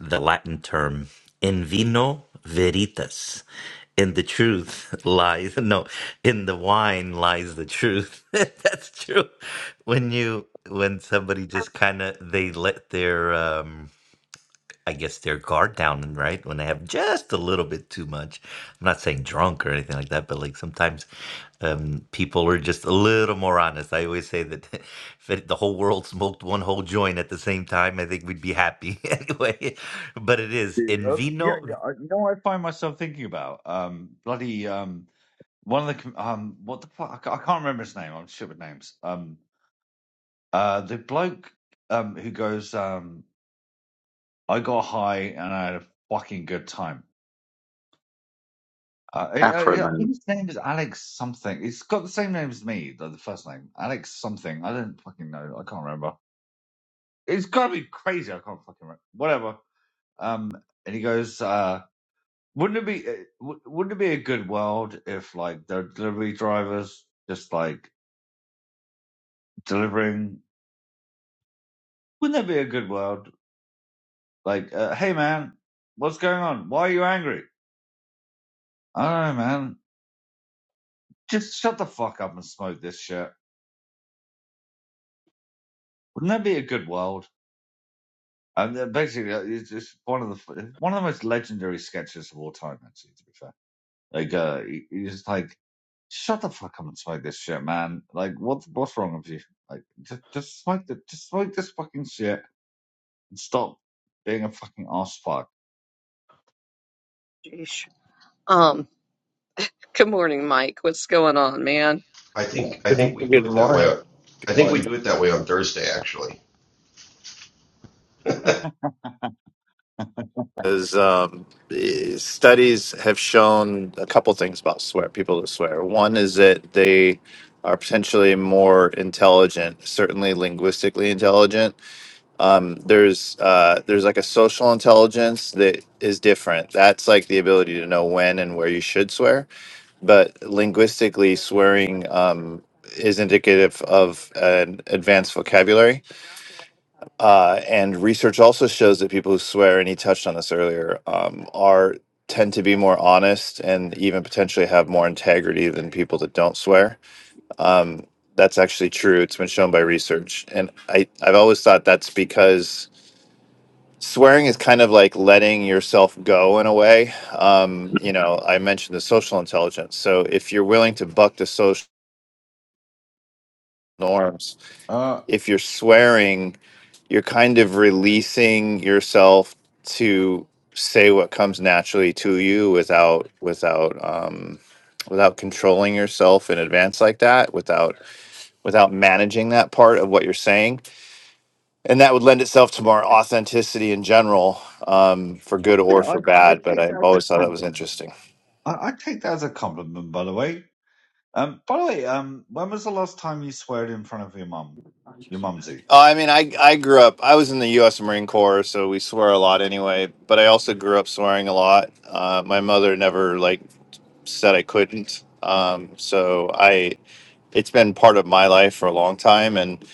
the Latin term in vino veritas. In the truth lies no, in the wine lies the truth. That's true. When you when somebody just kind of they let their um I guess their guard down, right? When they have just a little bit too much. I'm not saying drunk or anything like that, but like sometimes um, people are just a little more honest. I always say that if it, the whole world smoked one whole joint at the same time, I think we'd be happy anyway. But it is
Dude,
in
uh, yeah,
vino.
yeah. I, you know what I find myself thinking about? Um, bloody, um, one of the, com- um, what the fuck? I, ca- I can't remember his name. I'm shit with names. Um, uh, the bloke, um, who goes, um, I got high and I had a fucking good time. Uh, I,
Afro
I, I think
Man.
his name is Alex something. It's got the same name as me, the, the first name. Alex something. I don't fucking know. I can't remember. it's got to be crazy. I can't fucking remember. Whatever. Um, and he goes, uh, wouldn't it be, uh, w- wouldn't it be a good world if like there were delivery drivers just like delivering? Wouldn't that be a good world? Like, uh, hey man, what's going on? Why are you angry? I don't know, man. Just shut the fuck up and smoke this shit. Wouldn't that be a good world? And uh, basically, uh, it's just one of the one of the most legendary sketches of all time, actually. To be fair Like, uh, he- he's just like, shut the fuck up and smoke this shit, man. Like, what's what's wrong with you? Like, just just smoke the just smoke this fucking shit and stop being a fucking ass fuck.
Sheesh. Um, good morning, Mike. What's going on, man?
I think, I
Good,
think we do
good
it that way.
morning. Good
I think we
morning.
do it that way on Thursday, actually.
Is, um, eh, studies have shown a couple things about swear people that swear. One is that they are potentially more intelligent, certainly linguistically intelligent. Um, there's uh, there's like a social intelligence that is different. That's like the ability to know when and where you should swear. But linguistically, swearing um, is indicative of an advanced vocabulary Uh, and research also shows that people who swear, and he touched on this earlier, um, are tend to be more honest and even potentially have more integrity than people that don't swear. Um, that's actually true. It's been shown by research, and I I've always thought that's because swearing is kind of like letting yourself go in a way. Um, you know, I mentioned the social intelligence. So if you're willing to buck the social norms,
Uh,
if you're swearing you're kind of releasing yourself to say what comes naturally to you without without um without controlling yourself in advance like that without without managing that part of what you're saying and that would lend itself to more authenticity in general um for good
Yeah,
or
I
for
I
bad but
take that
i've
as a
always thought that was
compliment.
interesting
I, I take that as a compliment, by the way. Um, by the way, um, when was the last time you swore in front of your mum, your mumsy?
uh, i mean i i grew up i was in the u.s marine corps so we swear a lot anyway but i also grew up swearing a lot uh my mother never like said I couldn't. Um, so I, it's been part of my life for a long time, and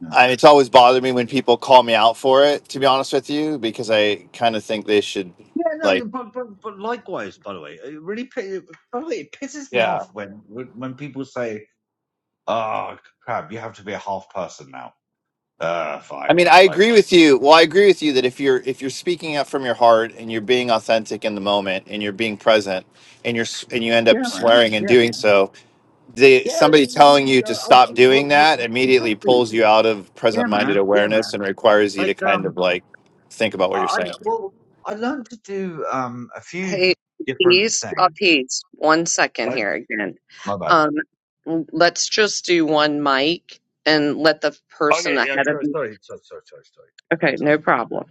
Yeah,
I, it's always bothered me when people call me out for it. To be honest with you, because I kind of think they should,
yeah no,
like,
but, but but likewise, by the way, it really pi- by the way, it pisses me off when when people say Oh crap! You have to be a half person now. Uh,
I mean,
fine.
I
Like,
agree with you. Well, I agree with you that if you're if you're speaking out from your heart and you're being authentic in the moment and you're being present and you're s- and you end up
Yeah, man.
swearing and
Yeah, man.
doing so, the
Yeah,
somebody
we we
telling
could
you to
go. oh,
stop
oh, well,
doing
yeah,
that immediately
exactly.
pulls you out of
Yeah,
present minded
man. Yeah, man.
awareness and requires you to
Like,
kind of
um,
like think about
I
what you're
I-
saying.
well, I learned to do um a few
Hey,
different
peas, uh,
things.
peas. One second
I,
here again.
my bad.
Um, let's just do one mic and let the person
okay, yeah,
ahead of
sorry,
you.
sorry, sorry, sorry, sorry, sorry. Yeah,
Okay,
sorry.
no problem.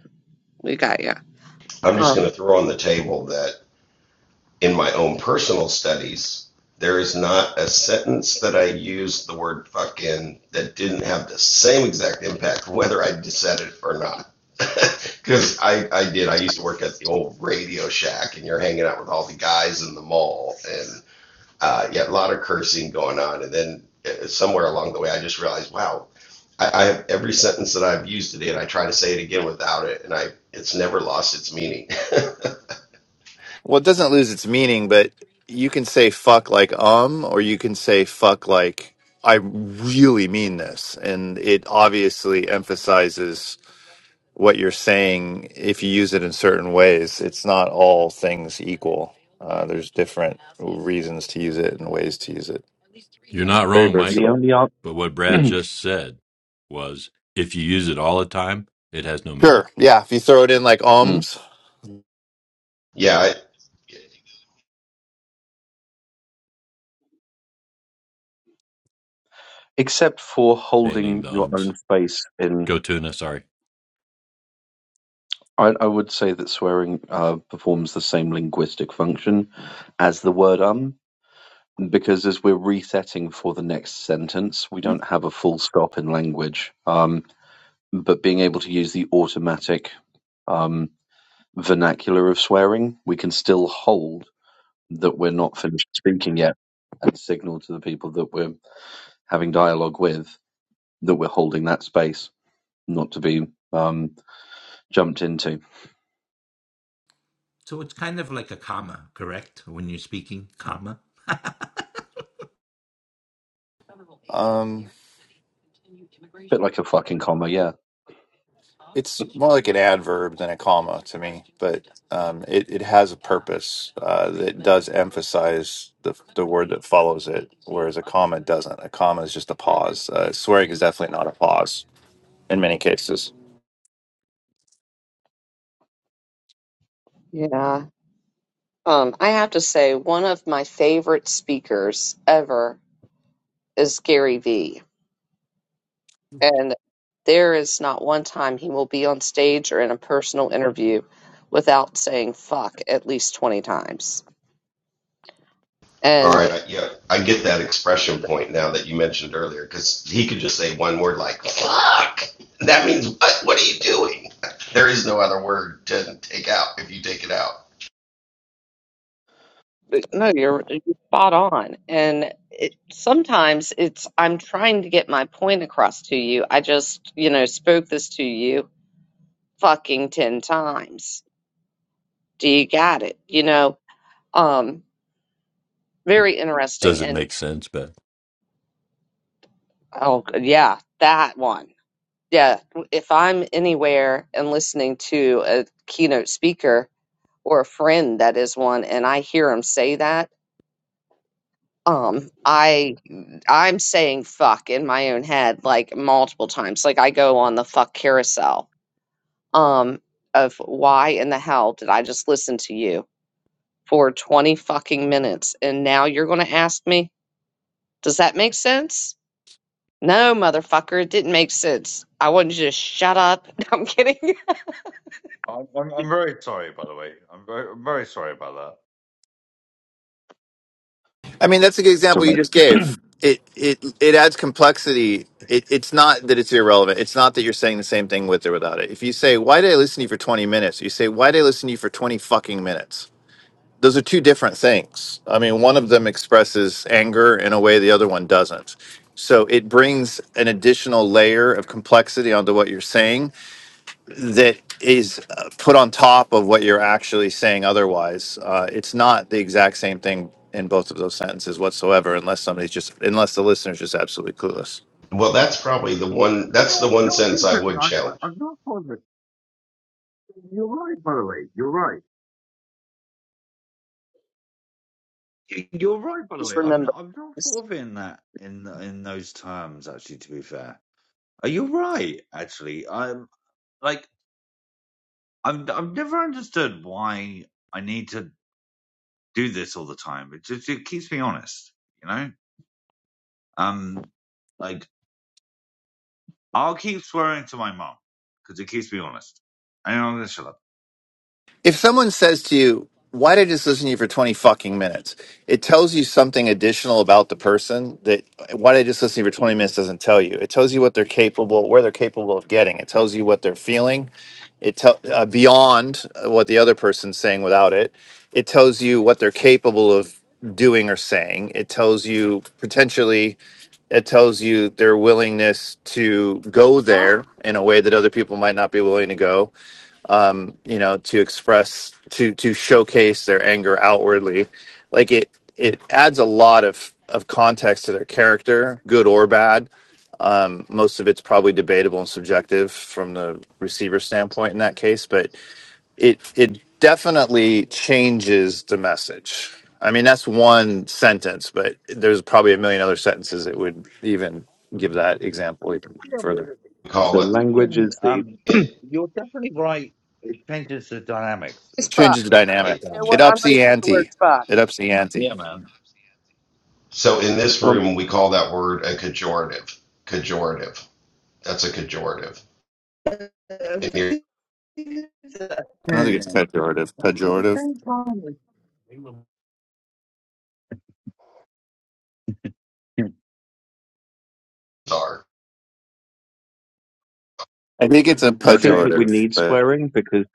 We got you.
I'm just going
Um,
to throw on the table that. in my own personal studies, there is not a sentence that I used the word fuck in that didn't have the same exact impact, whether I said it or not. Because I, I did. I used to work at the old Radio Shack, and you're hanging out with all the guys in the mall, and uh, you had a lot of cursing going on. And then uh, somewhere along the way, I just realized, wow, I, I have every sentence that I've used today, and I try to say it again without it, and I it's never lost its meaning.
Well, it doesn't lose its meaning, but you can say fuck like um, or you can say fuck like I really mean this. And it obviously emphasizes what you're saying if you use it in certain ways. It's not all things equal. Uh, there's different reasons to use it and ways to use it.
You're not
Very
wrong, Mike,
The
virtually.
only art,
but what Brad just said was if you use it all the time, it has no meaning.
Sure. Yeah. If you throw it in like
Mm.
ums,
yeah, I,
except for
Standing
holding
the
your
ums.
own space in.
Go tuna, sorry.
I, I would say that swearing uh, performs the same linguistic function as the word um, because as we're resetting for the next sentence, we don't have a full stop in language. Um, but being able to use the automatic um, vernacular of swearing, we can still hold that we're not finished speaking yet and signal to the people that we're having dialogue with that we're holding that space not to be um, jumped into.
So it's kind of like a comma, correct? When you're speaking, comma.
um.
Bit like a fucking comma, yeah.
it's more like an adverb than a comma to me, but um, it, it has a purpose uh, that does emphasize the, the word that follows it, whereas a comma doesn't. A comma is just a pause. Uh, swearing is definitely not a pause in many cases.
yeah. Um, I have to say, one of my favorite speakers ever is Gary Vee, and there is not one time he will be on stage or in a personal interview without saying "fuck" at least twenty times
All right,
And
I, yeah, I get that expression point now that you mentioned earlier because he could just say one word like "fuck." That means what? What are you doing? There is no other word to take out if you take it out.
but no, you're, you're spot on. And it, sometimes it's, I'm trying to get my point across to you. I just, you know, spoke this to you fucking 10 times. Do you got it? You know, um, very
Does
interesting.
it
And
make sense, Ben?
oh, g- yeah, that one. Yeah. If I'm anywhere and listening to a keynote speaker or a friend that is one, and I hear him say that, um i i'm saying fuck in my own head like multiple times like i go on the fuck carousel um of why in the hell did i just listen to you for 20 fucking minutes and now you're going to ask me does that make sense no motherfucker it didn't make sense i wanted you to shut up No, i'm kidding
I'm, I'm, I'm very sorry, by the way. I'm very, I'm very sorry about that.
I mean, that's a good
So
example you just gave. It it it adds complexity. It, it's not that it's irrelevant. It's not that you're saying the same thing with or without it. If you say, "Why did I listen to you for 20 minutes?" You say, "Why did I listen to you for 20 fucking minutes?" those are two different things. I mean, one of them expresses anger in a way the other one doesn't. So it brings an additional layer of complexity onto what you're saying that is uh, put on top of what you're actually saying otherwise. Uh, it's not the exact same thing in both of those sentences whatsoever, unless somebody's just, unless the listener's just absolutely clueless.
Well, that's probably the one.
You
That's the
know, you
one
know what's
sentence I
interesting?
would
I, I,
challenge.
I'm not positive. You're right, by the way. You're right. You- are right, by the
Just
way. I'm
remember,
I've not
it's,
thought of it in that in in those terms. Actually, to be fair, are you right? Actually, I'm like I'm I've never understood why I need to do this all the time. It just it keeps me honest, you know. Um, like I'll keep swearing to my mom because it keeps me honest. I know I'm gonna shut up.
If someone says to you, why did I just listen to you for 20 fucking minutes? It tells you something additional about the person that why did I just listen to you for 20 minutes doesn't tell you. It tells you what they're capable, where they're capable of getting. It tells you what they're feeling. It tell uh, beyond uh, what the other person's saying without it. It tells you what they're capable of doing or saying. It tells you potentially it tells you their willingness to go there in a way that other people might not be willing to go you know to express to to showcase their anger outwardly like it it adds a lot of of context to their character good or bad um, most of it's probably debatable and subjective from the receiver standpoint in that case but it it definitely changes the message i mean that's one sentence but there's probably a million other sentences that would even give that example even
Yeah, well,
further
We
It's
So
call it,
language
interesting.
is the
Um,
it,
you're definitely right. It changes the dynamics
it's fuck.
changes the
essentially.
dynamic
Like
it.
You know what?
it
um,
I'm
ups
going to
the
use the word
ante
fuck.
it ups the ante
yeah, man.
So in this
well.
room, we call that word a cajorative. Cajorative. That's a cajorative. And
Uh,
here
Okay.
I don't think it's pejorative. Pejorative.
are.
I think it's a
I think that we
pejorative.
need
But
swearing because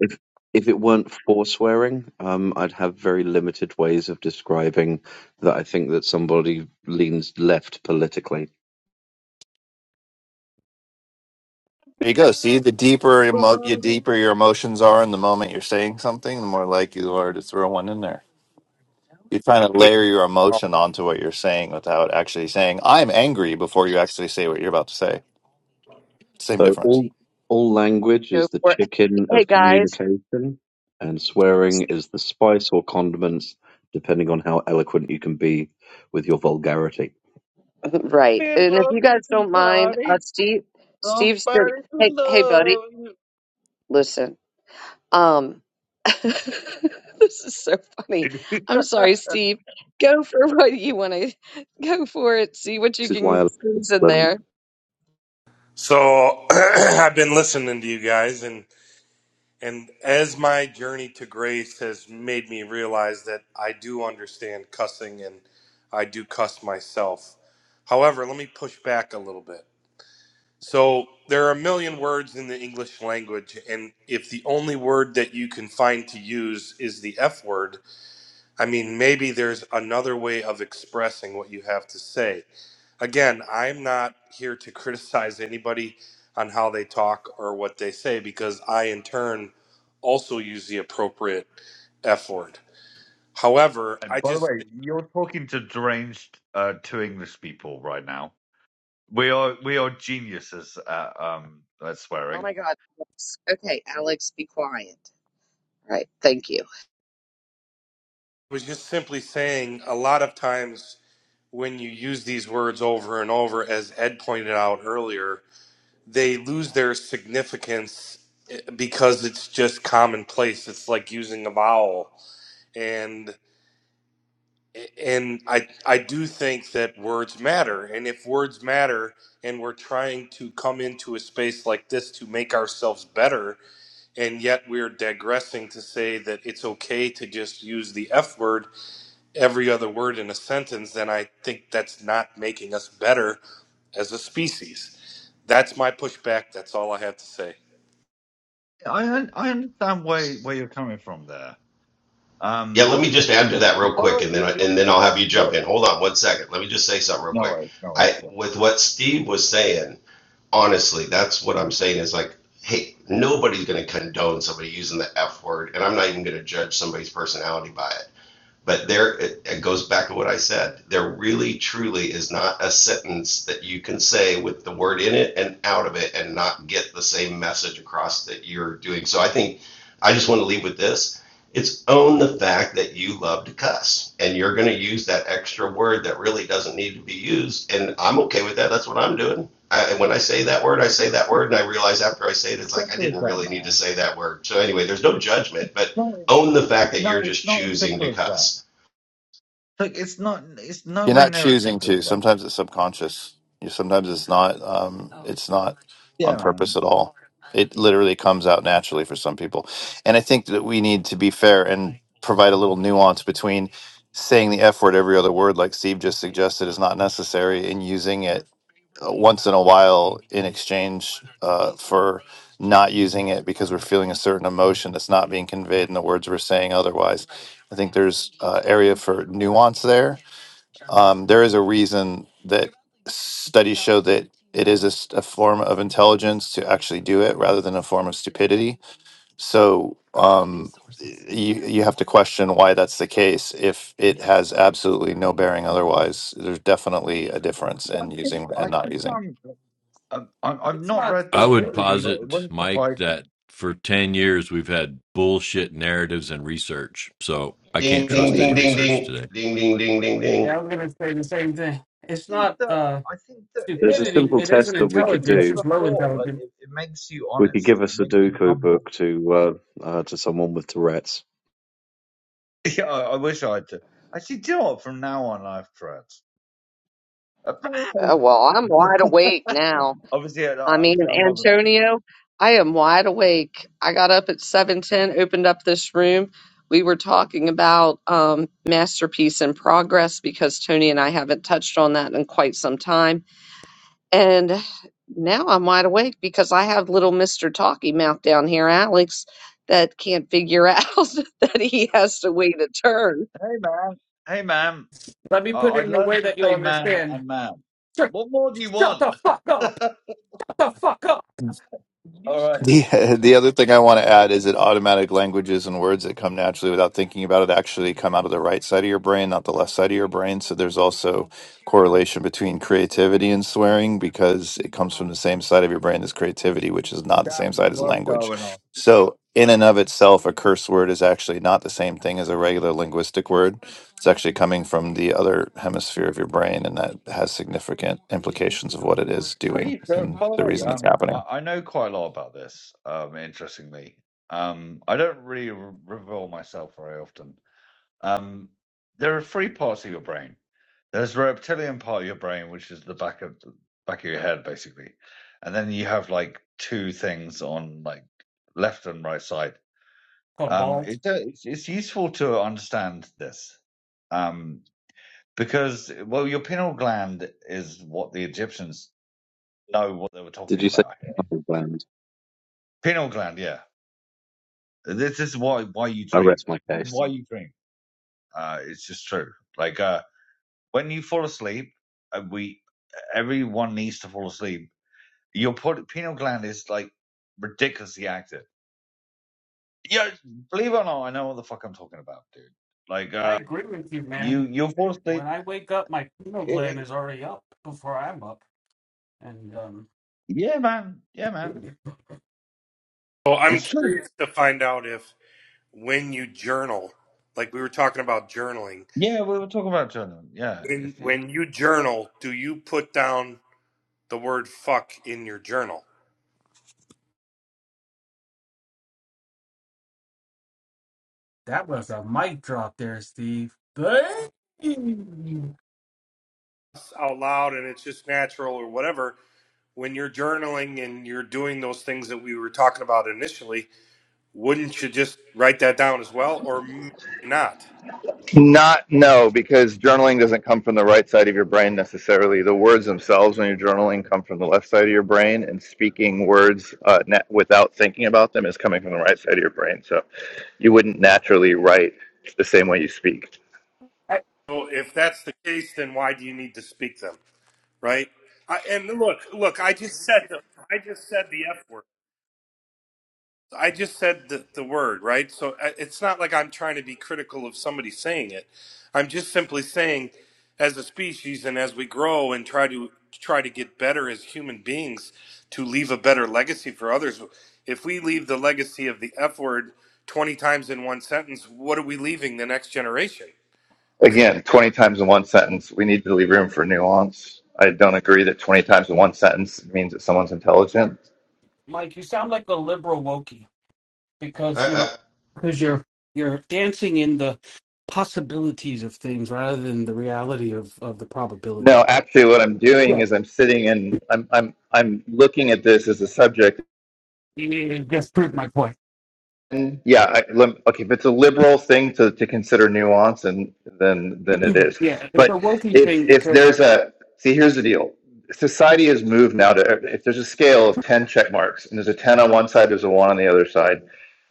if if it weren't for swearing, um, I'd have very limited ways of describing that. I think that somebody leans left politically.
there you
Be
go.
in
See,
love,
the deeper emo- you
buddy.
deeper your emotions are in the moment you're saying something, the more likely you are to throw one in there. You're
They
trying to
push
layer your
it off.
emotion onto what you're saying without actually saying "I'm angry" before you actually say what you're about to say. Same
So
difference.
all all language
Go
is the
for it.
chicken
Hey
of
guys,
communication, and swearing is the spice or condiments, depending on how eloquent you can be with your vulgarity.
i
right?
in
And if
love
you
with
guys don't mind, uh,
somebody.
Steve, Steve's
Somebody
been.
to
Hey, hey, buddy,
love
listen. Um, this is so funny.
you.
I'm sorry, Steve. Go for what you want to go for it. See what you
This is why
can
I love
squeeze in
Switzerland.
there.
So I've been listening to you guys, and and as my journey to grace has made me realize that I do understand cussing, and I do cuss myself. However, let me push back a little bit. So there are a million words in the English language, and if the only word that you can find to use is the F word, I mean, maybe there's another way of expressing what you have to say. Again, I'm not here to criticize anybody on how they talk or what they say because I, in turn, also use the appropriate F word. However,
And
I
by the
just
way, you're talking to deranged uh, two English people right now. We are we are geniuses at um at
Oh
swearing.
my God. Alex. Okay, Alex, be quiet. All right, thank you.
was just simply saying a lot of times when you use these words over and over, as Ed pointed out earlier, they lose their significance eh, because it's just commonplace. It's like using a vowel. And and I I do think that words matter, and if words matter, and we're trying to come into a space like this to make ourselves better, and yet we're digressing to say that it's okay to just use the F word every other word in a sentence, then I think that's not making us better as a species. That's my pushback. That's all I have to say.
I un- I understand where where you're coming from there.
Yeah,
Um,
let me just add to that real
by the
quick,
way,
and then
you're
I-
you're,
and then I'll have you jump
you're
in. Hold on one second. Let me just say something real
no,
quick.
it's no, it's
I
just
with what Steve was saying, honestly, that's what I'm saying is like, hey, nobody's going to condone somebody using the F word, and I'm not even going to judge somebody's personality by it. But there, it, it goes back to what I said. There really, truly is not a sentence that you can say with the word in it and out of it and not get the same message across that you're doing. So I think I just want to leave with this. It's own the fact that you love to cuss and you're going to use that extra word that really doesn't need to be used. And I'm okay with that. That's what I'm doing. I, when I say that word, I say that word, and I realize after I say it, it's like I
simple as
didn't
that,
really need to
man.
say that word. So anyway, there's no judgment, but
No,
own the fact that
No,
you're
it's
just
not as
choosing
simple
to
as that.
cuss
Look, it's not. It's
You're
nowhere
not
near as
choosing
simple as
to.
that.
Sometimes it's subconscious. You sometimes it's not. Um, it's not
Yeah,
on purpose
man.
at all. It literally comes out naturally for some people, and I think that we need to be fair and provide a little nuance between saying the F word every other word, like Steve just suggested, is not necessary, and using it uh, once in a while in exchange uh, for not using it because we're feeling a certain emotion that's not being conveyed in the words we're saying otherwise. I think there's uh, area for nuance there um, there is a reason that studies show that it is a, s- a form of intelligence to actually do it rather than a form of stupidity. So um, you you have to question why that's the case if it has absolutely no bearing otherwise. There's definitely a difference
I
in
think
using
I
and not
think
using.
I'm. I'm, I'm I've
It's
not
not
read
I
that
would
study,
stupidity.
but it
posit,
wouldn't
Mike,
surprise me.
that
I
for 10 years we've had bullshit narratives and research. So I
Ding,
can't
ding,
trust
ding,
any
ding,
research
ding,
today.
ding, ding, ding, ding,
Yeah, I
ding.
was gonna say the same thing. It's
think
not
that
uh
I think that it,
There's a
ma-
stupidity,
simple
it is an
test that we
like
could
I said
intelligence,
do.
just low
before, like
intelligence.
it, it makes you
We could give
honest.
a
It makes you
Sudoku
humble.
book to uh, uh, to someone with Tourette's.
Yeah, I, I wish I had to. Actually, do you know what? From now on, life have tried.
Oh, well, I'm wide awake now.
Obviously, I,
I
I,
mean,
I'm not going to do. It.
Antonio, I am wide awake. I got up at 7:10, opened up this room. We were talking about um, masterpiece in progress because Tony and I haven't touched on that in quite some time. And now I'm wide awake because I have little Mr. Talky Mouth down here, Alex, that can't figure out that he has to wait a turn.
Hey, man. Hey, ma'am.
Let me
I,
put
I
it in a
learned
way
to
that you'll
say man
understand.
and ma'am.
Shut,
What more do you
shut
want?
the fuck up! Shut the fuck up!
All right.
The, the other thing I want to add is that automatic languages and words that come naturally without thinking about it actually come out of the right side of your brain, not the left side of your brain. So there's also correlation between creativity and swearing because it comes from the same side of your brain as creativity, which is not the same
Jamie,
side as
what's
language.
going on?
So in and of itself, a curse word is actually not the same thing as a regular linguistic word. It's actually coming from the other hemisphere of your brain, and that has significant implications of what it is doing
Please, uh,
and
by the
the
way,
reason it's
um,
happening.
I, I know quite a lot about this. Um, interestingly, um, I don't really re- reveal myself very often. Um, there are three parts of your brain. There's the reptilian part of your brain, which is the back of the back of your head, basically, and then you have like two things on like left and right side. Um,
Cabal.
it, uh, it's it's useful to understand this. Um, because well, your pineal gland is what the Egyptians know what they were
Did
talking
you say
about here.
gland?
Pineal gland, yeah. This is why why you
I
dream.
rest my case.
Why you dream. Uh, it's just true. Like uh, when you fall asleep, uh, we everyone needs to fall asleep. Your pineal gland is like ridiculously active. Yeah, believe it or not, I know what the fuck I'm talking about, dude. Like
I
uh, you you fall
when
asleep.
I wake up my pineal
It-
gland
it-
is already up before I'm up. And um
yeah, man. Yeah, man.
Well, I'm
It's true.
curious to find out if when you journal, like we were talking about journaling.
Yeah, we were talking about children. Yeah,
When
it's. it's
when you journal, do you put down the word fuck in your journal
that was a mic drop there, Steve. Bang!
out loud and it's just natural or whatever? When you're journaling and you're doing those things that we were talking about initially, wouldn't you just write that down as well or maybe not?
Not no, because journaling doesn't come from the right side of your brain necessarily. The words themselves, when you're journaling, come from the left side of your brain, and speaking words uh, na without thinking about them is coming from the right side of your brain. So you wouldn't naturally write the same way you speak.
I-
So if that's the case, then why do you need to speak them, right? I, and look, look, I just said the I just said the F word. I just said the, the word, right? So I- it's not like I'm trying to be critical of somebody saying it. I'm just simply saying, as a species and as we grow and try to try to get better as human beings to leave a better legacy for others, if we leave the legacy of the F word 20 times in one sentence, what are we leaving the next generation?
Again, 20 times in one sentence, we need to leave room for nuance. I don't agree that 20 times in one sentence means that someone's intelligent.
Mike, you sound like a liberal wokey because you're
Uh,
because you're you're dancing in the possibilities of things rather than the reality of, of the probability.
No, actually, what I'm doing
Yeah,
is I'm sitting and I'm, I'm, I'm looking at this as a subject.
it, it just proved my point.
And yeah, I, lem- okay, if it's a liberal thing to, to consider nuance, and then, then it is.
Yeah, it's
But
the wokey
if,
thing
if
because
there's a, see, here's the deal. Society has moved now to, if there's a scale of 10 check marks and there's a 10 on one side, there's a one on the other side,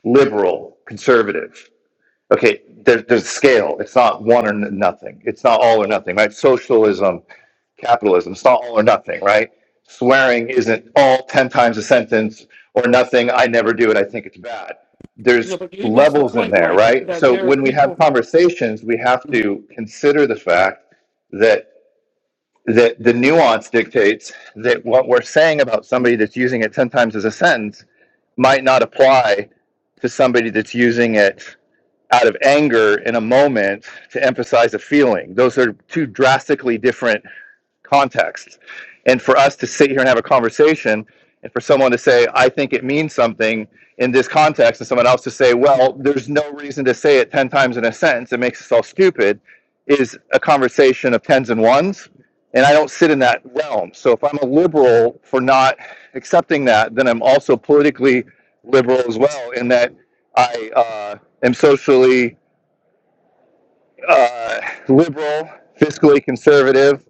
liberal, conservative. okay there, there's scale it's not one or nothing it's not all or nothing right socialism capitalism it's not all or nothing right swearing isn't all 10 times a sentence or nothing i never do it i think it's bad
you know,
there's levels in there right so when we have
people-
conversations we have to consider the fact that that the nuance dictates that what we're saying about somebody that's using it 10 times as a sentence might not apply to somebody that's using it out of anger in a moment to emphasize a feeling. Those are two drastically different context. And for us to sit here and have a conversation, and for someone to say, I think it means something in this context, and someone else to say, well, there's no reason to say it 10 times in a sentence, it makes us all stupid, is a conversation of tens and ones. And I don't sit in that realm. So if I'm a liberal for not accepting that, then I'm also politically liberal as well, in that I uh, am socially uh, liberal, fiscally conservative,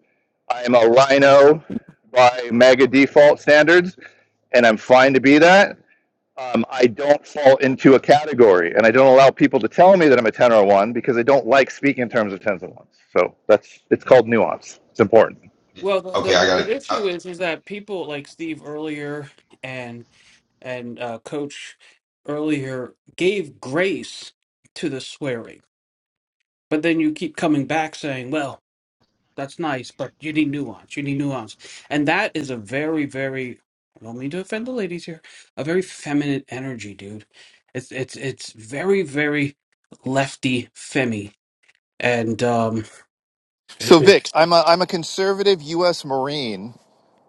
I am a rhino by MAGA default standards, and I'm fine to be that. Um, I don't fall into a category, and I don't allow people to tell me that I'm a 10 or a 1 because I don't like speaking in terms of 10s and 1s. So that's it's called nuance. It's important.
well,
uh, okay,
the,
I
the
got
the
it. Uh,
issue is is that people like Steve earlier and and uh, Coach earlier gave grace to the swearing, but then you keep coming back saying, well. That's nice, but you need nuance. You need nuance. And that is a very, very, I don't mean to offend the ladies here, a very feminine energy, dude. It's it's it's very, very lefty femmy. And um it,
So
it,
Vic, I'm a I'm a conservative U.S. Marine.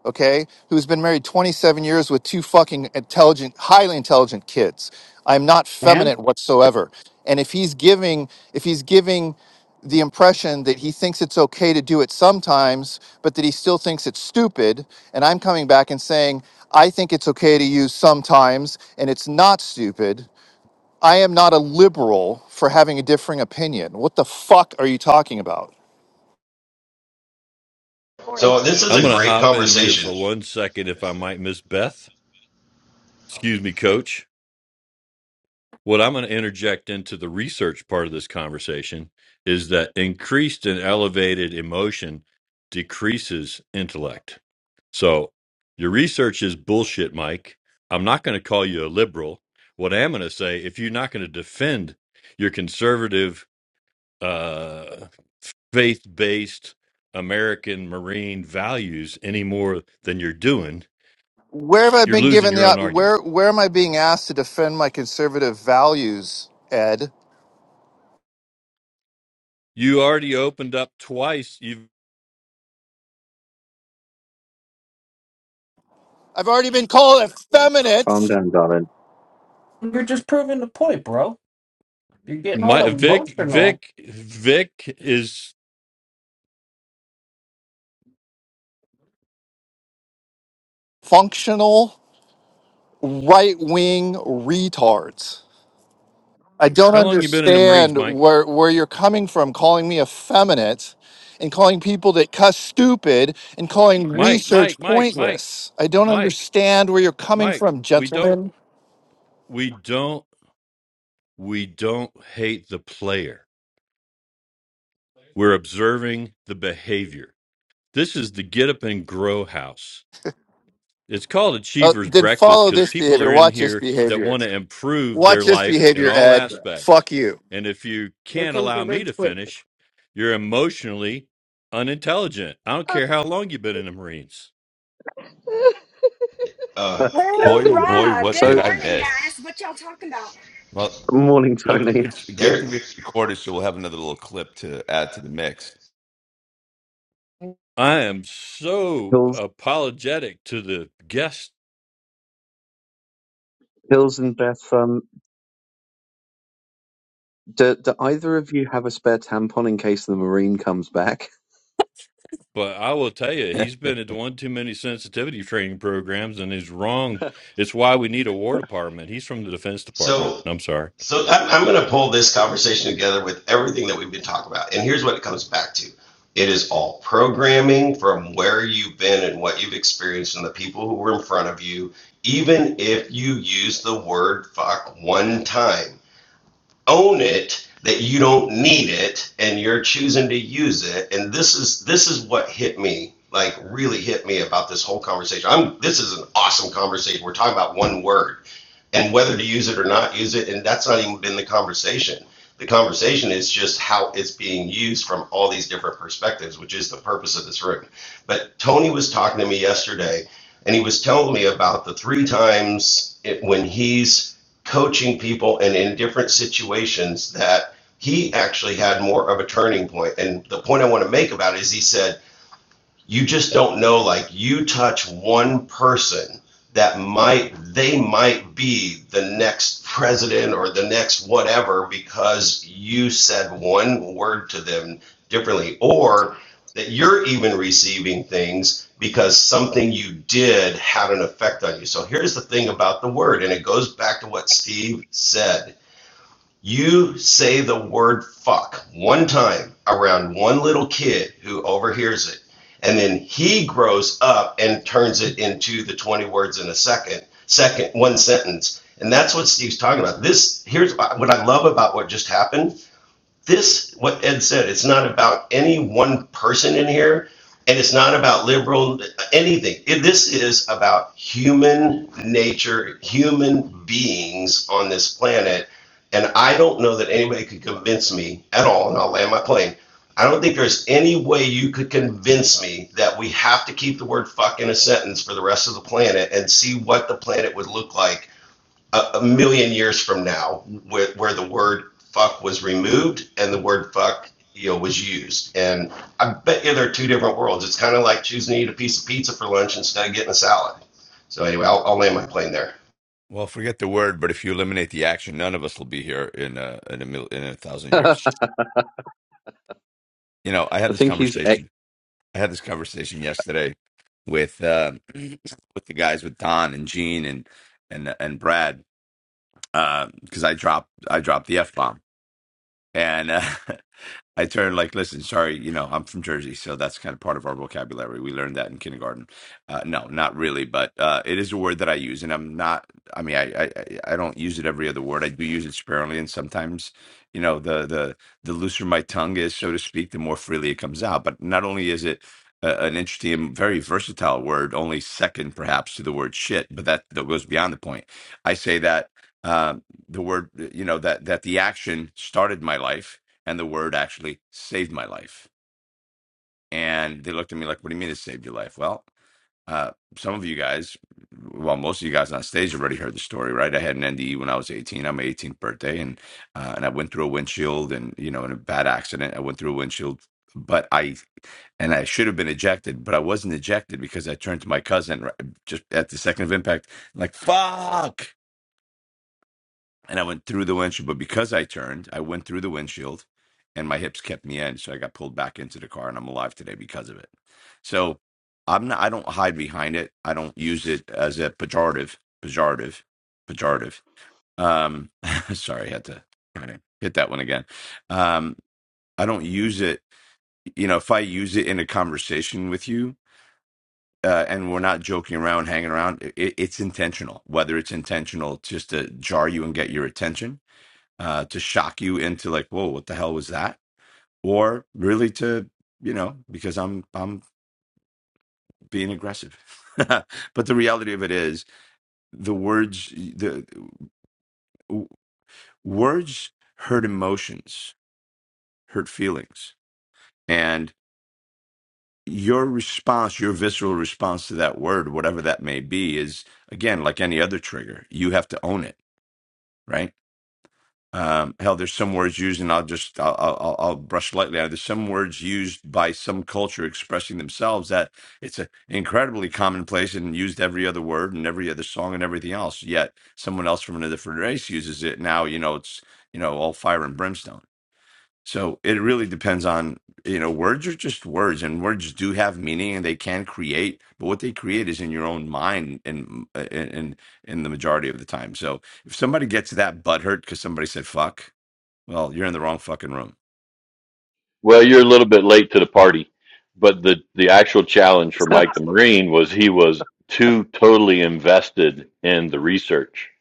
okay, who's been married 27 years with two fucking intelligent, highly intelligent kids. I'm not
and
feminine whatsoever. And if he's giving, if he's giving the impression that he thinks it's okay to do it sometimes, but that he still thinks it's stupid, and I'm coming back and saying, I think it's okay to use sometimes, and it's not stupid. I am not a liberal for having a differing opinion. What the fuck are you talking about?
Morning.
so this is
I'm
a
going to
great
hop in here for
conversation.
one second, if I might, Miss Beth. Excuse me, coach. What I'm going to interject into the research part of this conversation is that increased and elevated emotion decreases intellect. So your research is bullshit, Mike. I'm not going to call you a liberal. What I am going to say, if you're not going to defend your conservative, uh, faith based American Marine values any more than you're doing,
Where have I
you're
been
losing
given the
your own
op-
argument.
where where am I being asked to defend my conservative values, Ed?
You already opened up twice. You,
I've already been called
Calm
effeminate,
down, darling.
you're just proving the point, bro. You're getting
my
all
Vic,
emotional.
Vic, Vic is
functional, right-wing retards. I don't
how long you been in the Marines,
understand
Mike?
where where you're coming from calling me effeminate and calling people that cuss stupid and calling
Mike,
research
Mike, Mike, Mike,
pointless. I don't
Mike,
understand where you're coming
Mike.
from,
We don't,
gentlemen.
we don't. we don't hate the player. We're observing the behavior. This is the get up and grow house. It's called
Uh,
Achievers
then
Breakfast
follow
because
this
people
behavior.
are in
Watch this
here that
behavior.
want to improve
Watch
their
this
life in
behavior,
all
Ed.
aspects.
Fuck you.
And if you
Here
can't
comes the
allow me to
rage quit.
finish, you're emotionally unintelligent. I don't care how long you've been in the Marines.
Uh,
Boy, oh boy,
Hoorah!
what
Good
did
so,
I
morning,
miss?
guys. What y'all talking about?
Well,
morning,
good thing
Tony.
it's good thing it's recorded, so we'll have another little clip to add to the mix.
I am so
Hills,
apologetic to the guests
Hills, and Beth. um, Do, do either of you have a spare tampon in case the marine comes back?
But I will tell you, he's been at one too many sensitivity training programs, and he's wrong. It's why we need a War Department. He's from the Defense Department.
so,
I'm sorry.
so I'm, I'm going to pull this conversation together with everything that we've been talking about. And here's what it comes back to. It is all programming from where you've been and what you've experienced and the people who were in front of you. Even if you use the word fuck one time, own it that you don't need it and you're choosing to use it and this is this is what hit me like really hit me about this whole conversation i'm this is an awesome conversation we're talking about one word and whether to use it or not use it. And that's not even been the conversation. The conversation is just how it's being used from all these different perspectives, which is the purpose of this room. But Tony was talking to me yesterday, and he was telling me about the three times it, when he's coaching people and in different situations that he actually had more of a turning point. And the point I want to make about it is he said, you just don't know like you touch one person that might they might be the next president or the next whatever because you said one word to them differently or that you're even receiving things because something you did had an effect on you so here's the thing about the word and it goes back to what steve said you say the word fuck one time around one little kid who overhears it, and then he grows up and turns it into the 20 words in a second, second, one sentence. And that's what Steve's talking about. This, here's what I love about what just happened this what ed said it's not about any one person in here and it's not about liberal anything It- this is about human nature human beings on this planet and i don't know that anybody could convince me at all and i'll land my plane i don't think there's any way you could convince me that we have to keep the word fuck in a sentence for the rest of the planet and see what the planet would look like a, a million years from now where, where the word fuck was removed and the word fuck you know was used and i bet you there are two different worlds it's kind of like choosing to eat a piece of pizza for lunch instead of getting a salad so anyway i'll, I'll land my plane there
well, forget the word, but if you eliminate the action, none of us will be here in a in a mil, in a thousand
I
years. You know, I had this
think he's ex-
conversation. I had this conversation yesterday with uh, with the guys with Don and Gene and and and Brad because I dropped I dropped the f bomb and. Uh, I turned like, listen, sorry, you know, I'm from Jersey, so that's kind of part of our vocabulary. We learned that in kindergarten. Uh, no, not really, but uh, it is a word that I use, and I'm not. I mean, I, I I I don't use it every other word. I do use it sparingly, and sometimes, you know, the the the looser my tongue is, so to speak, the more freely it comes out. But not only is it a, an interesting and very versatile word, only second perhaps to the word shit, but that, that goes beyond the point. I say that um, the word, you know, that that the action started my life and the word actually saved my life. And they looked at me like, "What do you mean it saved your life?" Well, uh, some of you guys, well, most of you guys on stage already heard the story, right? I had an NDE when I was 18 on my 18th birthday, and uh, and I went through a windshield, and you know, in a bad accident, I went through a windshield, but I and I should have been ejected, but I wasn't ejected because I turned to my cousin right, just at the second of impact, like "fuck," and I went through the windshield. But because I turned, I went through the windshield, and my hips kept me in, so I got pulled back into the car, and I'm alive today because of it. So I'm not. I don't hide behind it. I don't use it as a pejorative, pejorative, pejorative. Um, sorry, I had to kind of hit that one again. Um, I don't use it. You know, if I use it in a conversation with you. Uh, and we're not joking around, hanging around. It, it's intentional. Whether it's intentional just to jar you and get your attention, uh, to shock you into like, whoa, what the hell was that? Or really to, you know, because I'm I'm being aggressive. but the reality of it is, the words the w- words hurt emotions, hurt feelings, and your response, your visceral response to that word, whatever that may be, is again like any other trigger. You have to own it, right? Um, hell, there's some words used, and I'll just I'll, I'll, I'll brush lightly on it. There's some words used by some culture expressing themselves that it's a incredibly commonplace and used every other word and every other song and everything else. Yet someone else from another different race uses it. Now you know it's you know all fire and brimstone. So it really depends on you know words are just words, and words do have meaning and they can create, but what they create is in your own mind and in in in the majority of the time. So if somebody gets that butthurt because somebody said fuck well, you're in the wrong fucking room.
Well, you're a little bit late to the party, but the the actual challenge for Mike the Marine was he was too totally invested in the research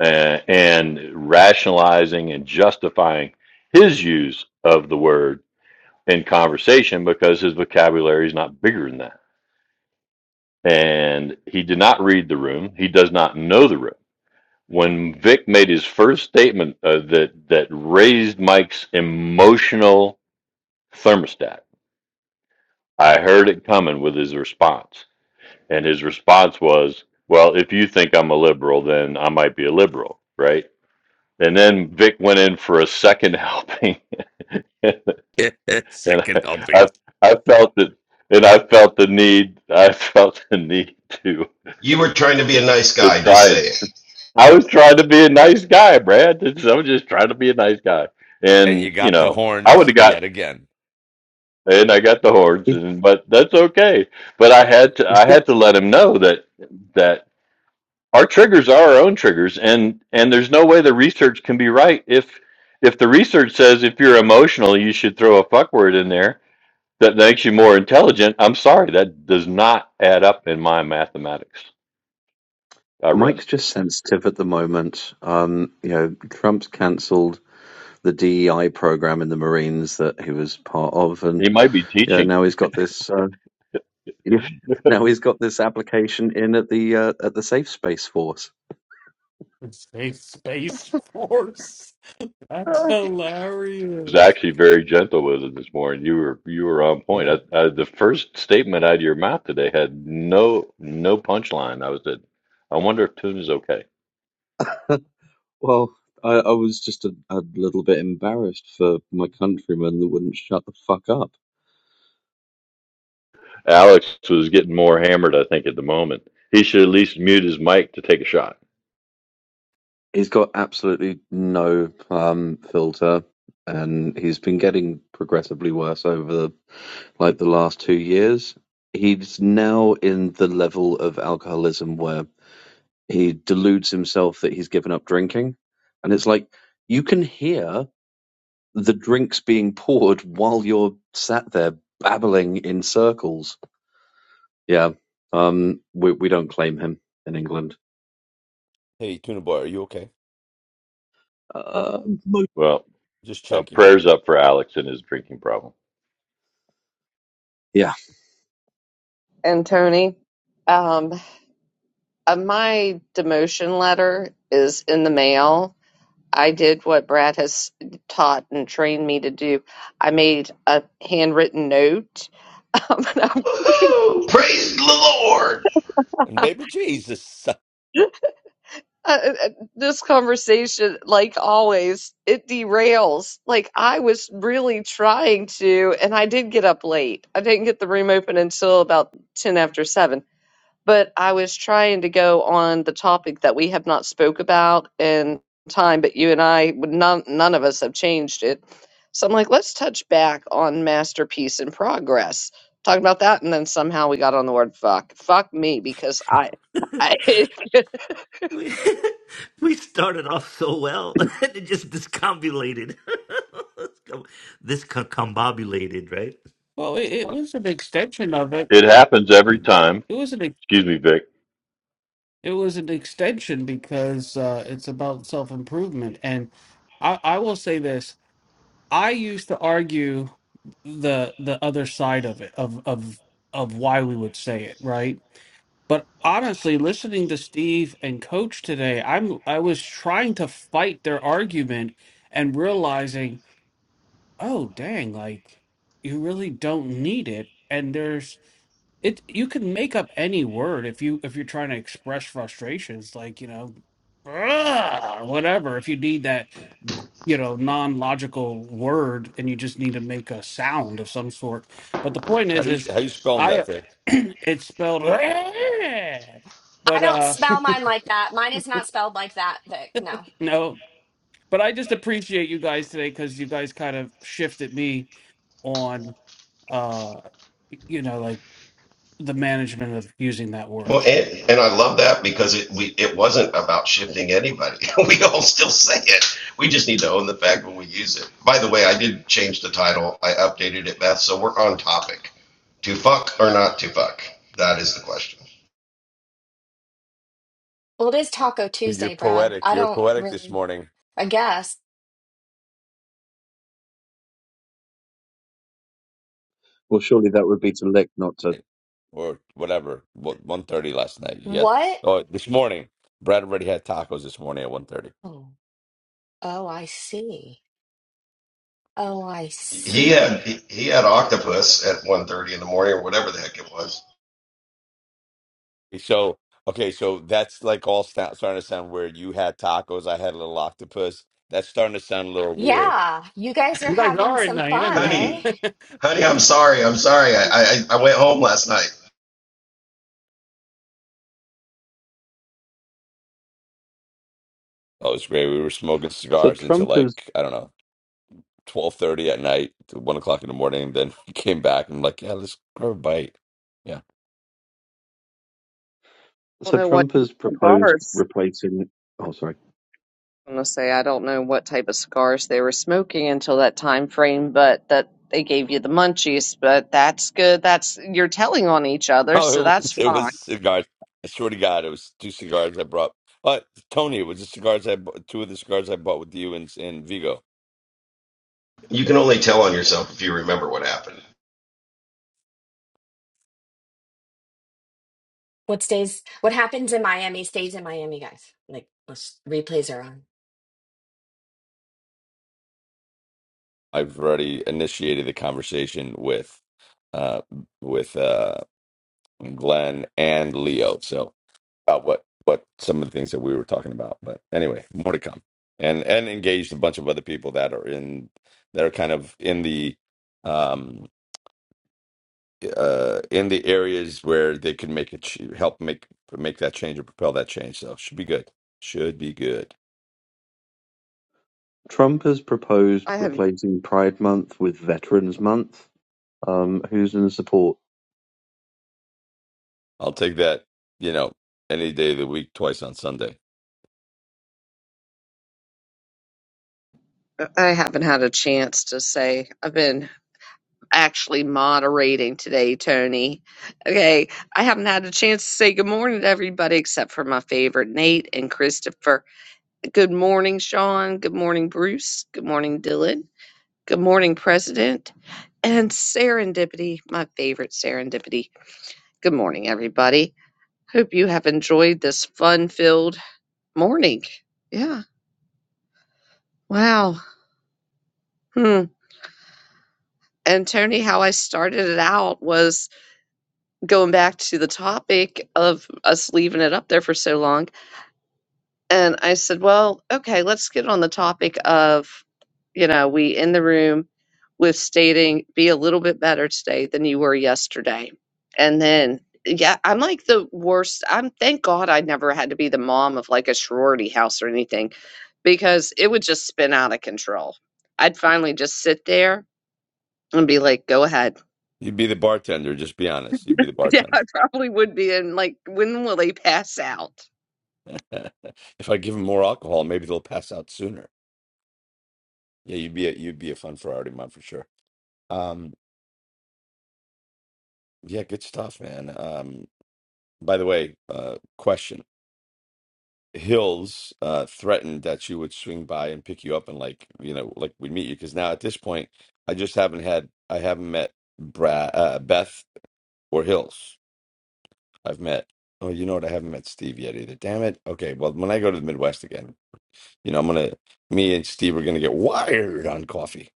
uh, and rationalizing and justifying his use of the word in conversation because his vocabulary is not bigger than that. and he did not read the room. He does not know the room. When Vic made his first statement uh, that that raised Mike's emotional thermostat, I heard it coming with his response, and his response was, "Well, if you think I'm a liberal, then I might be a liberal, right?" And then Vic went in for a second helping, and I,
Second helping.
I, I felt that, and I felt the need, I felt the need to
you were trying to be a nice
to
guy just
try
say it
I was trying to be a nice guy, Brad. It's- I was just trying to be a nice guy,
And
and
you
you
got the
know, I would
horns
have
yet
got
again.
and I got the horns,
he's
and but that's okay. But I had to
he's
I
just
had to let him know that that our triggers are our own triggers, and and there's no way the research can be right if if the research says if you're emotional, you should throw a fuck word in there that makes you more intelligent. I'm sorry, that does not add up in my mathematics. I rest.
Mike's just sensitive at the moment. Um, you know, Trump's cancelled the DEI program in the Marines that he was part of, and
He might be
you know
teaching.
now he's got this. uh, Yeah. Now he's got this application in at the uh, at the Safe Space Force.
Safe space force. That's
was
hilarious.
actually very gentle with it this morning. You were you were on point.
Yeah.
I, I, the first statement out of your mouth today had no no punchline. I was at, I wonder if Tune is okay.
Well, I, I was just a, a little bit embarrassed for my countrymen that wouldn't shut the fuck up.
Alex was getting more hammered, I think, at the moment. He should at least mute his mic to take a shot.
He's got absolutely no um, filter, and he's been getting progressively worse over the, like the last two years. He's now in the level of alcoholism where he deludes himself that he's given up drinking, and it's like you can hear the drinks being poured while you're sat there babbling in circles. Yeah, um, we we don't claim him in England.
Hey, Tuna Boy, are you okay?
Uh,
Well,
Just
uh,
checking.
prayers up for Alex and his drinking problem.
yeah,
And Tony, um, uh, my demotion letter is in the mail. I did what Brad has taught and trained me to do. I made a handwritten note. Um, and I'm
Woohoo! praise the lord
And baby Jesus,
uh, uh, uh, this conversation, like always, it derails. Like I was really trying to, and I did get up late. I didn't get the room open until about 10 after 7, but I was trying to go on the topic that we have not spoke about in time, but you and I, none, none of us have changed it. So I'm like, let's touch back on masterpiece in progress. Talking about that, and then somehow we got on the word fuck. Fuck me, because I, I
We, we started off so well, and it just discombobulated. this co- combobulated, right?
Well, it, it was an extension of it.
It happens every
It
time.
was an.
Excuse me, Vic.
It was an extension because uh, it's about self improvement, and I, I will say this: I used to argue the the other side of it, of of of why we would say it, right? But honestly, listening to Steve and Coach today, I'm I was trying to fight their argument and realizing, oh dang, like you really don't need it. And there's it you can make up any word if you if you're trying to express frustrations, like, you know, or whatever if you need that you know non-logical word and you just need to make a sound of some sort but the point
how
is
do you
is
how you spelling that
i
thing?
it's spelled
I
but
don't
uh
spell mine like that. Mine is not spelled like that, Vic. No.
no but i just appreciate you guys today because you guys kind of shifted me on uh you know like the management of using that
Well,
word
and, and I love that because it we it wasn't about shifting anybody. we all still say it. We just need to own the fact when we use it. By the way, I did change the title. I updated it, Beth. So we're on topic. To fuck or not to fuck? That is the question.
Well, it is Taco
You're
Tuesday, Brad.
poetic.
I
You're
don't
poetic this
really.
morning,
I guess.
well, surely that would be to lick, not to
or whatever. One thirty last night. He had
What?
oh this morning. Brad already had tacos this morning at one thirty.
Oh, oh, I see. Oh, I
He had
see.
he, he had octopus at one thirty in the morning or whatever the heck it was.
So okay, so that's like all sta- starting to sound weird. You had tacos. I had a little octopus. That's starting to sound a little weird.
Yeah, you guys are
you guys
having
are in
some fun,
miami
eh?
Honey, honey, I'm sorry. I'm sorry. I, I I went home last night.
Oh, it was great. We were smoking
So
cigars until
Trump has
like, I don't know, 12:30 at night to one o'clock in the morning. Then we came back and I'm like, yeah, let's grab a bite. Yeah.
don't
so
know what
Trump has proposed
cigars.
replacing oh sorry.
I'm gonna say I don't know what type of cigars they were smoking until that time frame, but that they gave you the munchies. But that's good. That's you're telling on each other, so
Oh, it
that's
was it
fine.
was cigars. I swear to God, it was two cigars I brought. But Tony, it was the cigars I bought, two of the cigars I bought with you and in Vigo.
You can only tell on yourself if you remember what happened.
What stays? What happens in Miami stays in Miami, guys. Like, let's- replays are on.
I've already initiated the conversation with uh with uh Glenn and Leo. So about what what some of the things that we were talking about. But anyway, more to come, and and engaged a bunch of other people that are in that are kind of in the um uh in the areas where they can make it ch- help make make that change or propel that change. So should be good. Should be good.
Trump has proposed
I have
replacing Pride Month with Veterans Month. Um, who's in support?
I'll take that. You know, any day of the week, twice on Sunday.
I haven't had a chance to say I've been actually moderating today, Tony. Okay, I haven't had a chance to say good morning to everybody except for my favorite Nate and Christopher. Good morning, Sean. Good morning, Bruce. Good morning, Dylan. Good morning, President. And serendipity, my favorite serendipity. Good morning, everybody. Hope you have enjoyed this fun filled morning. Yeah. Wow. Hmm. And Tony, how I started it out was going back to the topic of us leaving it up there for so long And I said, well, okay, let's get on the topic of, you know, we in the room with stating be a little bit better today than you were yesterday. And then, yeah, I'm like the worst. I'm thank God I never had to be the mom of like a sorority house or anything because it would just spin out of control. I'd finally just sit there and be like, go ahead.
You'd be the bartender. Just be honest. You'd be the
Yeah,
bartender.
I probably would be. And like, when will they pass out?
if I give them more alcohol, maybe they'll pass out sooner. Yeah, you'd be a, you'd be a fun Ferrari man for sure. Um, Yeah, good stuff, man. Um, by the way, uh, question. Hills uh, threatened that you would swing by and pick you up and like, you know, like we would meet you because now at this point, I just haven't had, I haven't met Brad, uh, Beth or Hills. I've met, oh, you know what? I haven't met Steve yet either. Damn it. Okay, well, when I go to the Midwest again, you know, I'm gonna, me and Steve are gonna get wired on coffee.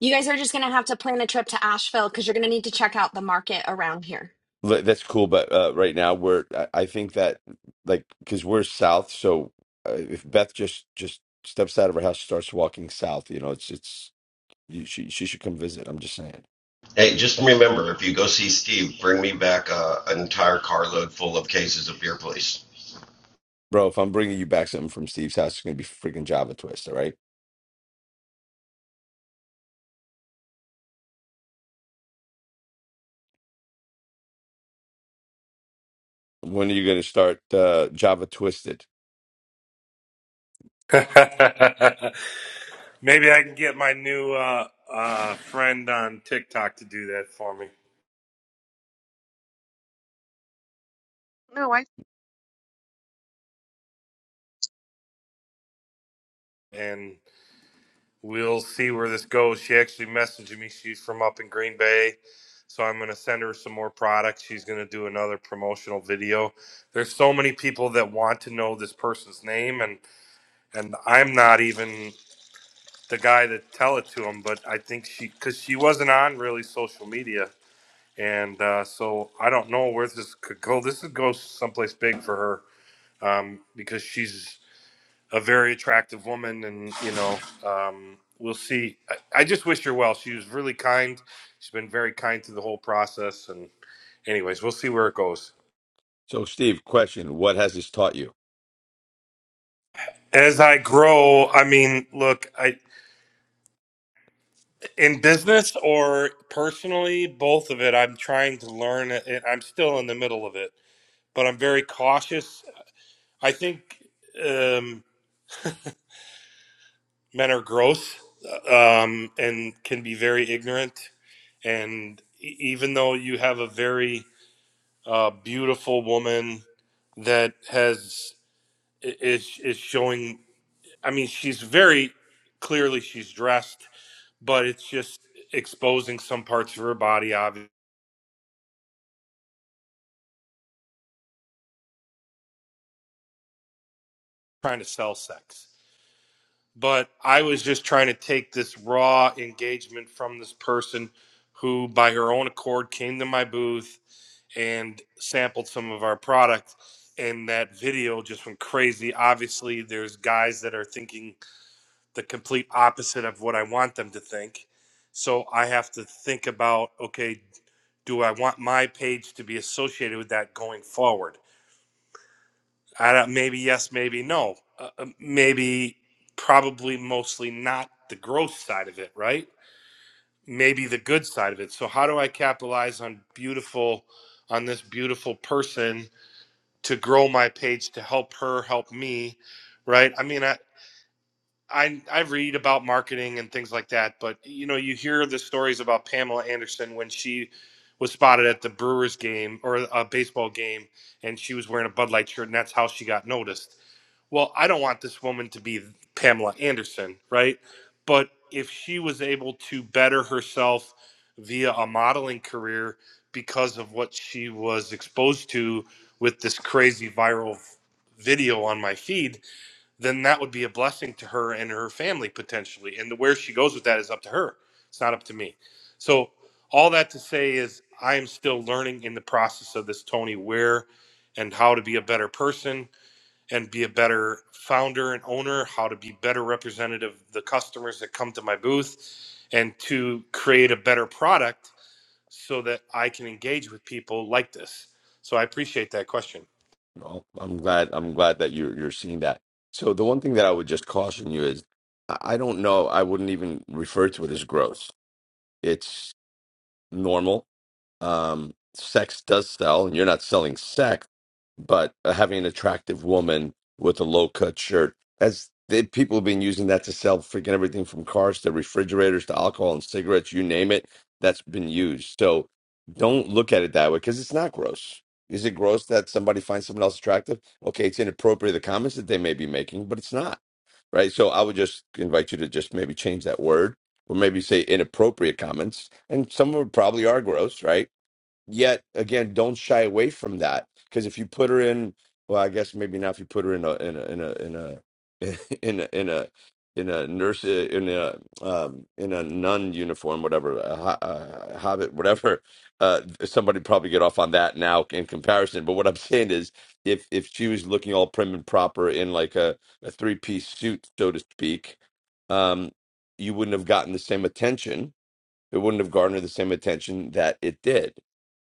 You guys are just going to have to plan a trip to Asheville because you're going to need to check out the market around here.
Li- That's cool, but uh, right now we're I I think that like because we're south, so uh, if Beth just just steps out of her house, starts walking south, you know, it's it's you, she she should come visit. I'm just saying,
Hey, just remember, if you go see Steve, bring me back uh, an entire carload full of cases of beer, please.
bro. If I'm bringing you back something from Steve's house, it's gonna be freaking Java Twist. All right, when are you gonna start uh, Java Twisted?
Maybe I can get my new uh, uh, friend on TikTok to do that for me.
No, I
And we'll see where this goes. She actually messaged me. She's from up in Green Bay. So I'm going to send her some more products. She's going to do another promotional video. There's so many people that want to know this person's name and and I'm not even the guy to tell it to them, but I think she cuz she wasn't on really social media and uh, so I don't know where this could go. This could go someplace big for her um, because she's a very attractive woman, and you know, um, we'll see. I, I just wish her well. She was really kind. She's been very kind through the whole process, and anyways, we'll see where it goes.
So, Steve, question: What has this taught you?
As I grow, I mean, look, I in business or personally, both of it. I'm trying to learn. and I'm still in the middle of it, but I'm very cautious. I think um, men are gross uh, um, and can be very ignorant, and e- even though you have a very uh, beautiful woman that has is is showing. I mean, she's very clearly she's dressed, but it's just exposing some parts of her body. Obviously, trying to sell sex. But I was just trying to take this raw engagement from this person who, by her own accord, came to my booth and sampled some of our product. And that video just went crazy. Obviously, there's guys that are thinking the complete opposite of what I want them to think. So I have to think about okay, do I want my page to be associated with that going forward? I don't, maybe yes, maybe no. Uh, uh, maybe probably mostly not the gross side of it, right? Maybe the good side of it. So how do I capitalize on beautiful on this beautiful person to grow my page to help her help me, right? I mean, I, I I read about marketing and things like that, but you know, you hear the stories about Pamela Anderson when she was spotted at the Brewers game or a baseball game and she was wearing a Bud Light shirt and that's how she got noticed. Well, I don't want this woman to be Pamela Anderson, right? But if she was able to better herself via a modeling career because of what she was exposed to with this crazy viral video on my feed, then that would be a blessing to her and her family potentially. And the, where she goes with that is up to her. It's not up to me. So all that to say is I am still learning in the process of this Tony where and how to be a better person and be a better founder and owner, how to be better representative of the customers that come to my booth and to create a better product so that I can engage with people like this. So I appreciate that question.
Well, I'm glad I'm glad that you're you're seeing that. So, the one thing that I would just caution you is, I I don't know. I wouldn't even refer to it as growth. It's normal. Um, sex does sell, and you're not selling sex, but uh, having an attractive woman with a low cut shirt, as they, people have been using that to sell freaking everything from cars to refrigerators to alcohol and cigarettes, you name it, that's been used. So don't look at it that way because it's not gross. Is it gross that somebody finds someone else attractive? Okay, it's inappropriate, the comments that they may be making, but it's not right? So I would just invite you to just maybe change that word or maybe say inappropriate comments. And some of them probably are gross, right? yet again don't shy away from that because if you put her in well i guess maybe not if you put her in a in a in a in a in a in a, in a nurse eh, in a um in a nun uniform whatever a, ho- a hobbit whatever uh somebody probably get off on that now in comparison but what i'm saying is if if she was looking all prim and proper in like a, a three-piece suit so to speak um you wouldn't have gotten the same attention it wouldn't have garnered the same attention that it did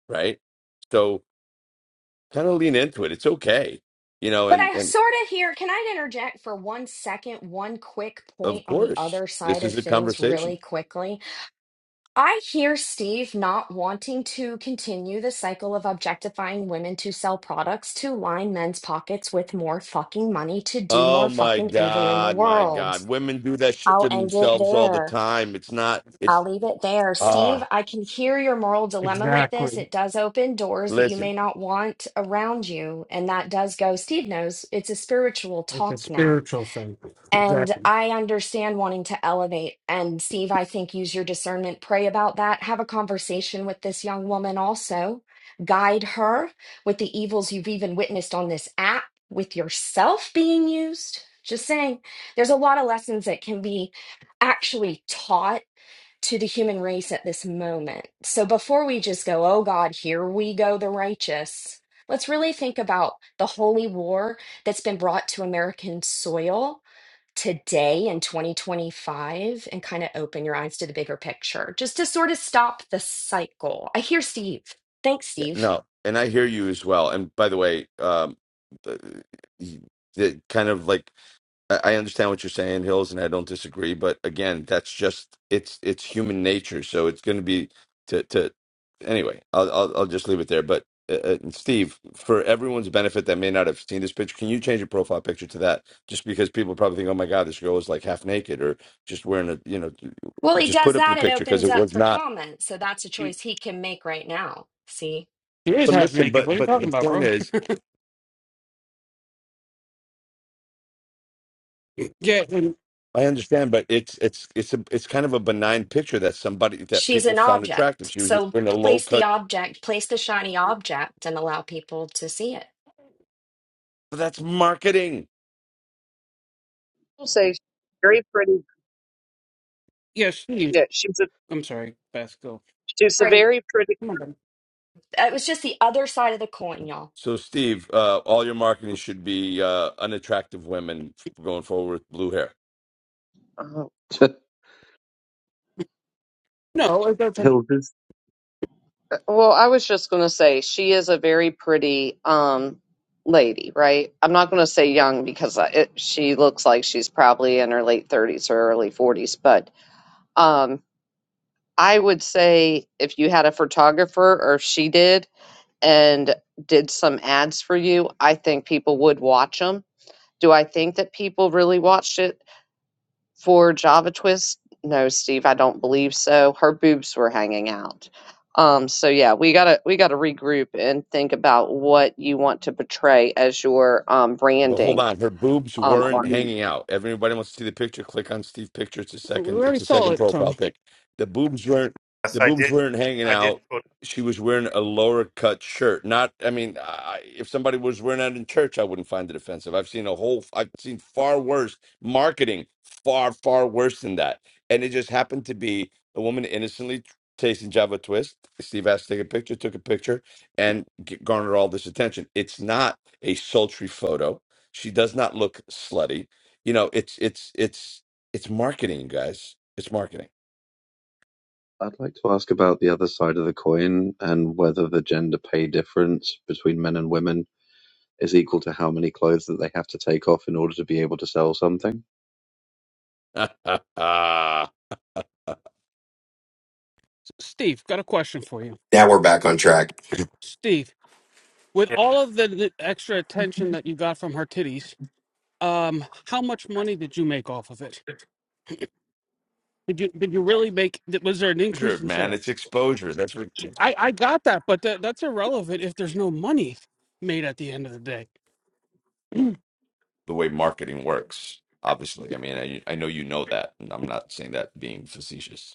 right? So kind of lean into it. It's okay, you know.
But
And
I
and
sort of hear, can I interject for one second, one quick
of
point on the
course,
other side
this
of
is a
things,
conversation.
really quickly? I hear Steve not wanting to continue the cycle of objectifying women to sell products to line men's pockets with more fucking money to do
Oh
more
my
fucking evil in the
God, my
world.
God, women do that shit
I'll
to
end it
themselves all the
there.
time. It's not. It's
I'll leave it there.
ah,
Steve, I can hear your moral dilemma with this.
exactly
It does open doors that you
listen,
may not want around you. And that does go, Steve knows it's a spiritual
it's a
talk now.
spiritual thing
And
exactly
I understand wanting to elevate. And Steve, I think use your discernment, pray about that, have a conversation with this young woman also, guide her with the evils you've even witnessed on this app, with yourself being used. Just saying, there's a lot of lessons that can be actually taught to the human race at this moment. So before we just go, oh God, here we go, the righteous, let's really think about the holy war that's been brought to American soil today in 2025 and kind of open your eyes to the bigger picture, just to sort of stop the cycle. I hear Steve. Thanks,
yeah,
Steve.
no. And I hear you as well. And by the way, um, the, the kind of like. I I understand what you're saying, Hills, and I don't disagree. But again, that's just it's it's human nature. So it's going to be to to anyway. I'll I'll, I'll just leave it there. But uh, uh, and Steve, for everyone's benefit that may not have seen this picture, can you change your profile picture to that? Just because people probably think, oh my god, this girl is like half naked or just wearing a you know,
Well, he
just put
does
up the
that, it
picture because
opens
it
up
was
for
not.
comment. So that's a
it
choice he can make right now. See?
is
But
half
listen,
naked what
but
are you
but the
talking about
point
bro
is.
Yeah, and
I understand, but it's it's it's a, it's kind of a benign picture that somebody that
She's
people
an
found attractive.
object.
She was just
So
wearing a low
place the
cut
object, place the shiny object and allow people to see it.
But that's marketing.
will say she's very pretty.
yeah, Steve.
Yeah, she's
I'm sorry, Basco.
She's a
Sorry,
very pretty.
Come on, buddy.
it was just the other side of the coin, y'all.
So, Steve, uh, all your marketing should be uh, unattractive women going forward with blue hair.
Oh,
No, it doesn't.
Hilders.
uh, well, I was just going to say she is a very pretty um lady, right? I'm not going to say young because I- it, she looks like she's probably in her late 30s or early 40s, but um I would say if you had a photographer or if she did and did some ads for you, I think people would watch them. Do I think that people really watched it? For Java Twist, no, Steve, I don't believe so. Her boobs were hanging out. Um, so yeah, we gotta we gotta regroup and think about what you want to portray as your um,
But hold
branding.
on, her boobs
Um,
weren't
on
hanging out. Everybody wants to see the picture. Click on Steve picture. It's a
We
second.
already
It's a
saw
second
it,
profile
Tony.
pic. The boobs weren't.
Yes,
The
I
boobs
did.
weren't hanging
I did
out.
put.
She was wearing a lower cut shirt. Not. I mean, I, if somebody was wearing that in church, I wouldn't find it offensive. I've seen a whole. I've seen far worse marketing. Far far worse than that. And it just happened to be a woman innocently tasting Java Twist. Steve asked to take a picture. Took a picture and g- garnered all this attention. It's not a sultry photo. She does not look slutty. You know, it's it's it's it's marketing, guys. It's marketing.
I'd like to ask about the other side of the coin and whether the gender pay difference between men and women is equal to how many clothes that they have to take off in order to be able to sell something.
exposure,
Steve, got a question for you.
Now we're back on track,
Steve, with all of the, the extra attention that you got from her titties, um, how much money did you make off of it? Did you did you really make? th- Was there an increase in
man.
sales?
It's exposure. That's what,
I I got that, but that that's irrelevant if there's no money made at the end of the day.
the way marketing works. Obviously, I mean, I, I know you know that, and I'm not saying that being facetious.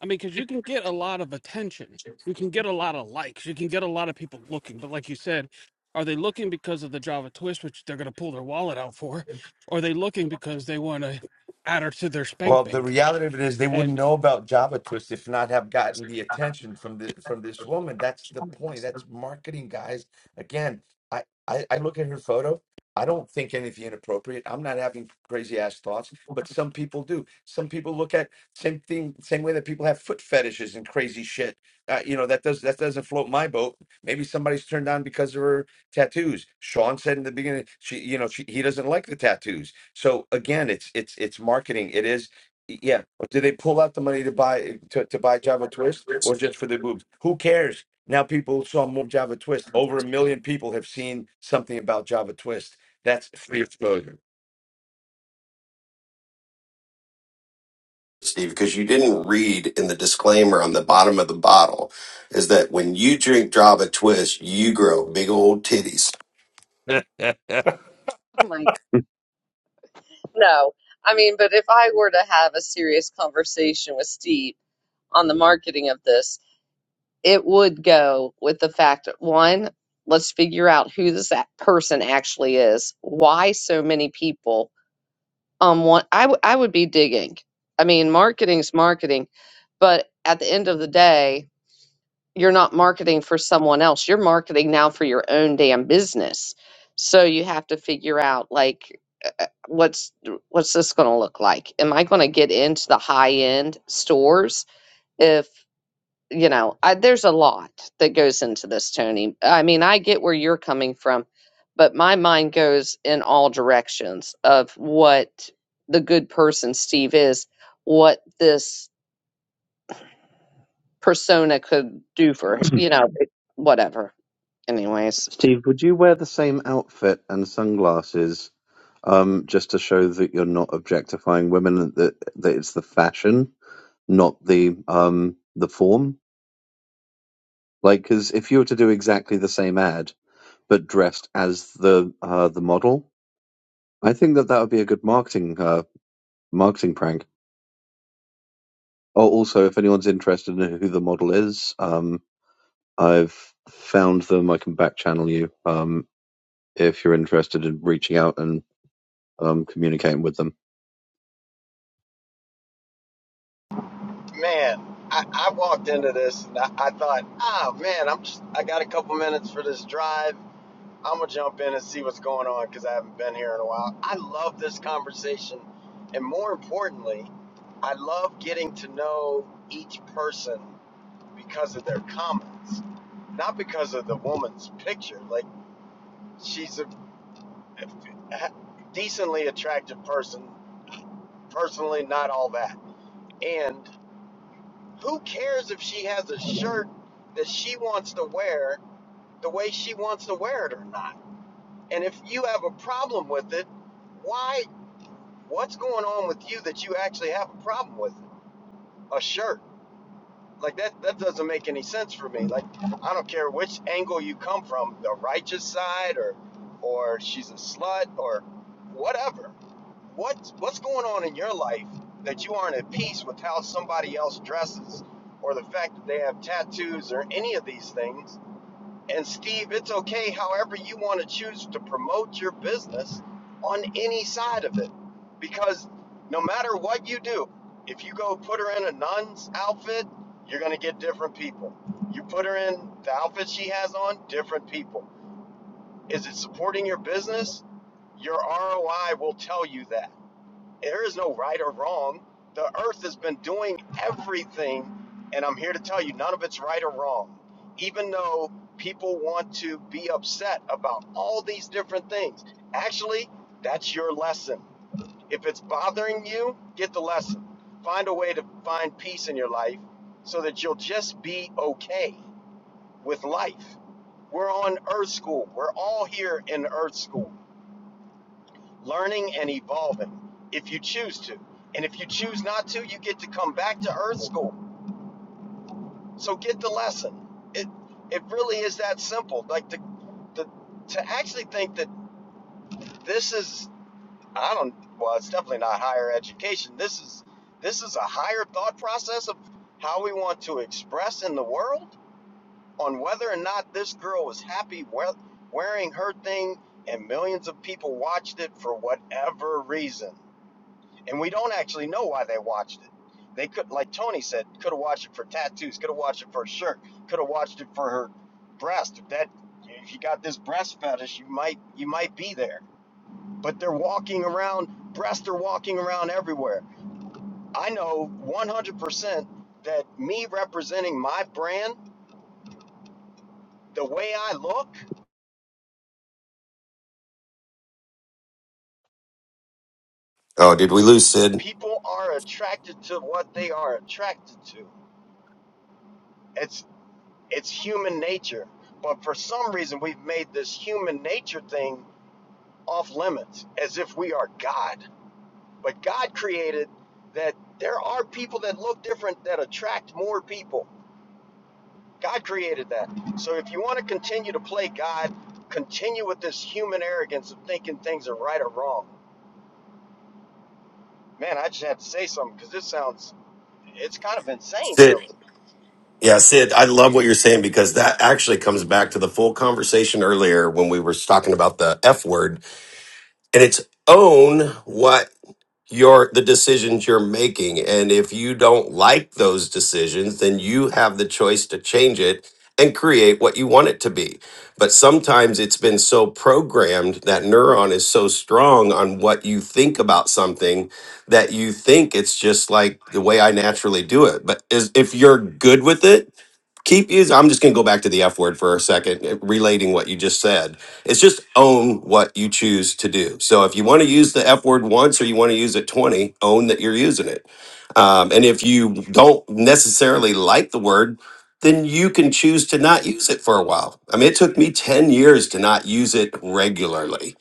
I mean, because you can get a lot of attention, you can get a lot of likes, you can get a lot of people looking. But like you said, are they looking because of the Java twist, which they're going to pull their wallet out for? Or are they looking because they want to add her to their spank
Well, the
bank?
reality of it is they wouldn't
And
know about Java Twist if not have gotten the attention from the from this woman. That's the point. That's marketing, guys. Again, I I, I look at her photo. I don't think anything inappropriate. I'm not having crazy ass thoughts, but some people do. Some people look at same thing, same way that people have foot fetishes and crazy shit. Uh, you know that does that doesn't float my boat. Maybe somebody's turned on because of her tattoos. Sean said in the beginning, she you know she, he doesn't like the tattoos. So again, it's it's it's marketing. It is yeah. Or do they pull out the money to buy to, to buy Java Twist or just for the boobs? Who cares? Now people saw more Java Twist. Over a million people have seen something about Java Twist. That's free exposure.
Steve, because you didn't read in the disclaimer on the bottom of the bottle is that when you drink Java Twist, you grow big old titties.
my no, I mean, but if I were to have a serious conversation with Steve on the marketing of this, it would go with the fact that one, let's figure out who this a- person actually is. Why so many people? um one I w- I would be digging i mean marketing's marketing but at the end of the day you're not marketing for someone else you're marketing now for your own damn business so you have to figure out like uh, uh, what's what's this going to look like am i going to get into the high end stores if? you know, I, there's a lot that goes into this, Tony. I mean, I get where you're coming from, but my mind goes in all directions of what the good person Steve is, what this persona could do for, you know, it- whatever. Anyways,
Steve, would you wear the same outfit and sunglasses um, just to show that you're not objectifying women, and that that it's the fashion, not the um, the form? Like, because if you were to do exactly the same ad but dressed as the uh, the model, I think that that would be a good marketing uh, marketing prank. Oh, also, if anyone's interested in who the model is, um, I've found them. I can back channel you um, if you're interested in reaching out and. um, communicating with them.
man, I, I walked into this and I, I thought, oh man, I'm just, I got a couple minutes for this drive. I'm gonna jump in and see what's going on because I haven't been here in a while. I love this conversation, and more importantly, I love getting to know each person because of their comments, not because of the woman's picture. Like she's a, a decently attractive person, personally not all that, and Who cares if she has a shirt that she wants to wear the way she wants to wear it or not? And if you have a problem with it, why? What's going on with you that you actually have a problem with it? a shirt? Like that, that doesn't make any sense for me. Like, I don't care which angle you come from, the righteous side or, or she's a slut or whatever. What what's going on in your life that you aren't at peace with how somebody else dresses or the fact that they have tattoos or any of these things? And Steve, it's okay however you want to choose to promote your business on any side of it. Because no matter what you do, if you go put her in a nun's outfit, you're going to get different people. You put her in the outfit she has on, different people. Is it supporting your business? Your ROI will tell you that there is no right or wrong. The earth has been doing everything, and I'm here to tell you none of it's right or wrong. Even though people want to be upset about all these different things, actually, that's your lesson. If it's bothering you, get the lesson. Find a way to find peace in your life so that you'll just be okay with life. We're on Earth School. We're all here in Earth School learning and evolving if you choose to. And if you choose not to, you get to come back to earth school. So get the lesson. It it really is that simple. Like the the to actually think that this is I don't well, it's definitely not higher education. This is this is a higher thought process of how we want to express in the world on whether or not this girl was happy wearing her thing and millions of people watched it for whatever reason and we don't actually know why they watched it. They could, like Tony said, could have watched it for tattoos, could have watched it for a shirt, could have watched it for her breast. If that, if you got this breast fetish, you might, you might be there. But they're walking around, breasts are walking around everywhere. I know 100% that me representing my brand, the way I look,
Oh, did we lose Sid?
people are attracted to what they are attracted to. It's. It's human nature. But for some reason, we've made this human nature thing off limits as if we are God. But God created that there are people that look different that attract more people. God created that. So if you want to continue to play God, continue with this human arrogance of thinking things are right or wrong. Man, I just had to say something because this sounds, it's kind of insane,
Sid.
really.
Yeah, Sid, I love what you're saying because that actually comes back to the full conversation earlier when we were talking about the F word and it's own what your the decisions you're making and if you don't like those decisions then you have the choice to change it and create what you want it to be but sometimes it's been so programmed that neuron is so strong on what you think about something that you think it's just like the way I naturally do it but is if you're good with it keep using i'm just going to go back to the f word for a second eh, relating what you just said it's just own what you choose to do so if you want to use the f word once or you want to use it 20 own that you're using it um, and if you don't necessarily like the word then you can choose to not use it for a while i mean it took me 10 years to not use it regularly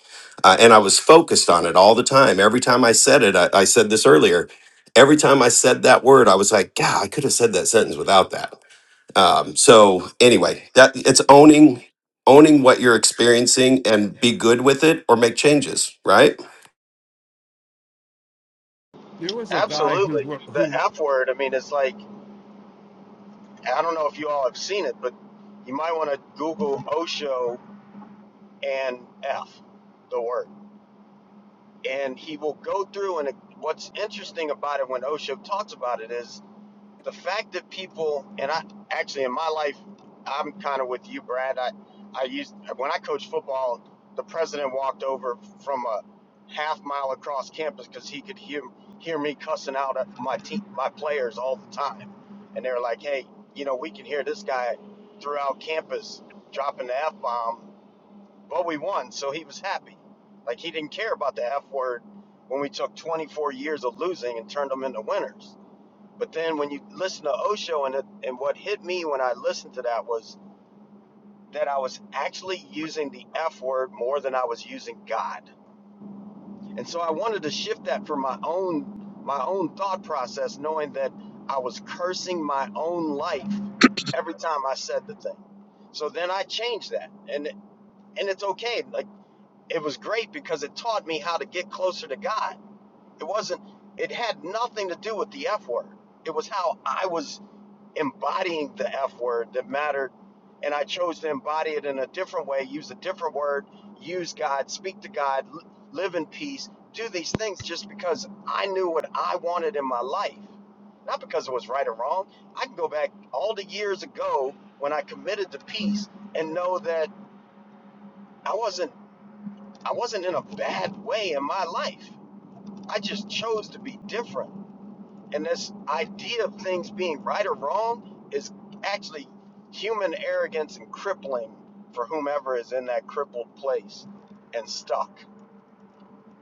uh, and i was focused on it all the time every time i said it I, I said this earlier every time i said that word i was like god i could have said that sentence without that um, so anyway, that it's owning owning what you're experiencing and be good with it or make changes, right?
there was a guy who,
Absolutely.
wr-
The
who
F word, I mean, it's like, I don't know if you all have seen it, but you might want to Google Osho and F, the word. And he will go through, and what's interesting about it when Osho talks about it is the fact that people and I actually in my life I'm kind of with you Brad I I used when I coached football the president walked over from a half mile across campus cuz he could hear hear me cussing out my team my players all the time and they were like hey you know we can hear this guy throughout campus dropping the F bomb but we won so he was happy like he didn't care about the F word when we took 24 years of losing and turned them into winners but then when you listen to Osho, and, it, and what hit me when I listened to that was that I was actually using the F word more than I was using God. And so I wanted to shift that for my own my own thought process, knowing that I was cursing my own life every time I said the thing. So then I changed that, and and it's okay. Like it was great because it taught me how to get closer to God. It wasn't. It had nothing to do with the F word. It was how I was embodying the F word that mattered. And I chose to embody it in a different way, use a different word, use God, speak to God, live in peace, do these things just because I knew what I wanted in my life. Not because it was right or wrong. I can go back all the years ago when I committed to peace and know that I wasn't I wasn't in a bad way in my life. I just chose to be different. And this idea of things being right or wrong is actually human arrogance and crippling for whomever is in that crippled place and stuck.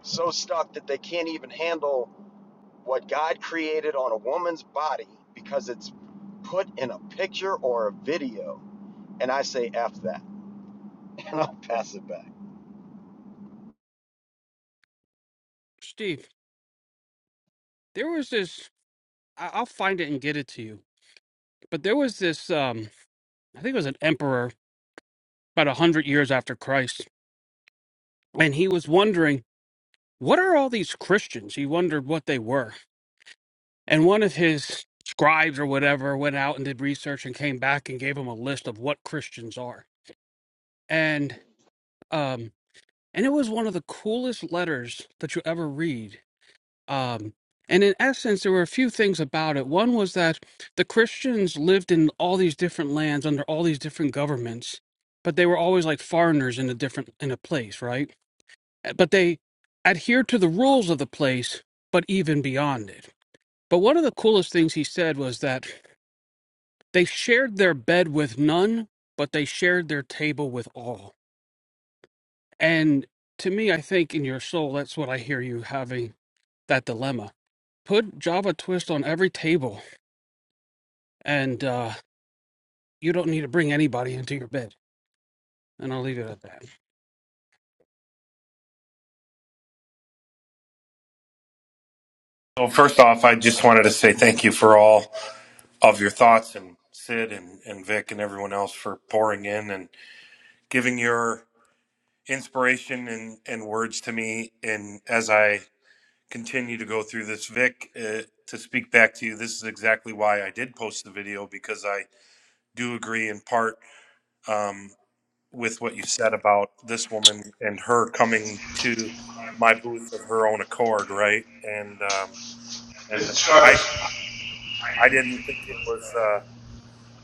So stuck that they can't even handle what God created on a woman's body because it's put in a picture or a video. And I say F that. And I'll pass it back.
Steve, there was this, I- I'll find it and get it to you. But there was this, um, I think it was an emperor about a 100 years after Christ. And he was wondering, what are all these Christians? He wondered what they were And one of his scribes or whatever went out and did research and came back and gave him a list of what Christians are. And um and it was one of the coolest letters that you ever read. Um and in essence there were a few things about it. One was that the Christians lived in all these different lands under all these different governments, but they were always like foreigners in a different in a place, right? Eh, But they adhered to the rules of the place, but even beyond it. But one of the coolest things he said was that They shared their bed with none, but they shared their table with all. And to me, I think in your soul, that's what I hear you having that dilemma. Put Java Twist on every table, and uh, you don't need to bring anybody into your bed. And I'll leave it at that.
Well, first off, I just wanted to say thank you for all of your thoughts and Sid and, and Vic and everyone else for pouring in and giving your inspiration and, and words to me. And as I continue to go through this, Vic, uh, to speak back to you, this is exactly why I did post the video because I do agree in part um, with what you said about this woman and her coming to my booth of her own accord, right? And um, and I, I didn't think it was uh,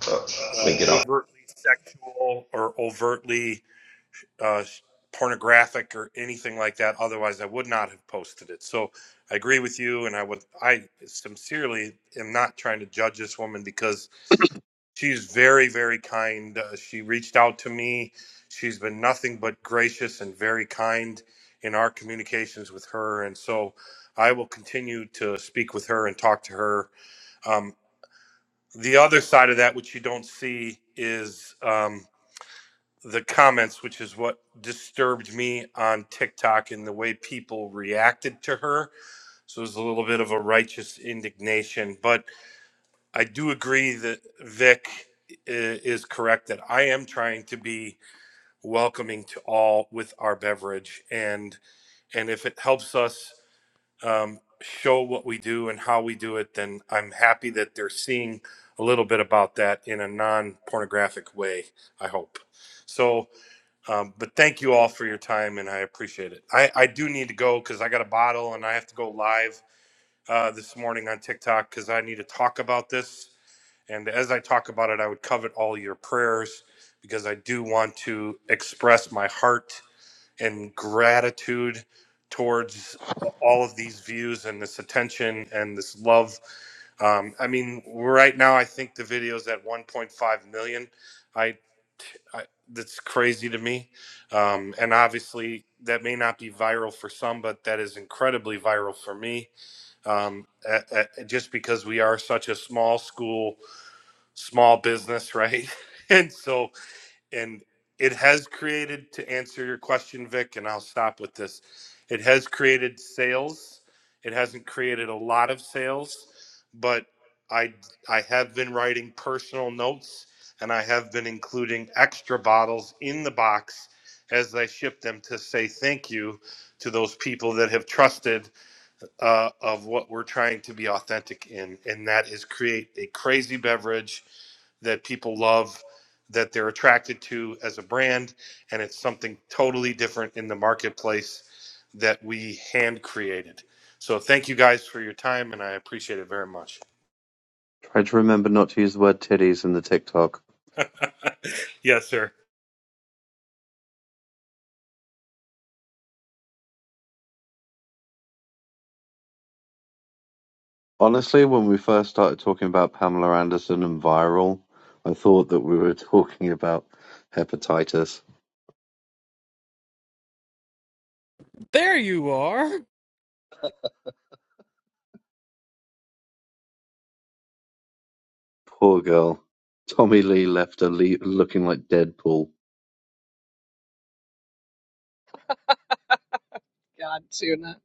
Uh, Let
uh,
me get
overtly sexual or overtly uh, pornographic or anything like that. Otherwise, I would not have posted it. So I agree with you, and I would I sincerely am not trying to judge this woman because she's very very kind. Uh, she reached out to me. She's been nothing but gracious and very kind in our communications with her, and so I will continue to speak with her and talk to her. Um, The other side of that, which you don't see, is um, the comments, which is what disturbed me on TikTok and the way people reacted to her. So there's a little bit of a righteous indignation. But I do agree that Vic i- is correct that I am trying to be welcoming to all with our beverage. And and if it helps us um, show what we do and how we do it, then I'm happy that they're seeing a little bit about that in a non pornographic way, I hope. So, um, but thank you all for your time and I appreciate it. I, I do need to go because I got a bottle and I have to go live uh, this morning on TikTok because I need to talk about this. And as I talk about it, I would covet all your prayers because I do want to express my heart and gratitude towards all of these views and this attention and this love. Um, I mean, right now, I think the video is at 1.5 million. I, I that's crazy to me. Um, and obviously, that may not be viral for some, but that is incredibly viral for me. Um, a- a- just because we are such a small school, small business, right? and so, and it has created to answer your question vic and i'll stop with this it has created sales it hasn't created a lot of sales but i i have been writing personal notes and i have been including extra bottles in the box as i ship them to say thank you to those people that have trusted uh, of what we're trying to be authentic in and that is create a crazy beverage that people love, that they're attracted to as a brand, and it's something totally different in the marketplace that we hand created. So thank you guys for your time, and I appreciate it very much.
Try to remember not to use the word titties in the TikTok.
Yes, sir.
Honestly, when we first started talking about Pamela Anderson and viral, I thought that we were talking about hepatitis.
There you are.
Poor girl. Tommy Lee left her le- looking like Deadpool.
God, Tuna.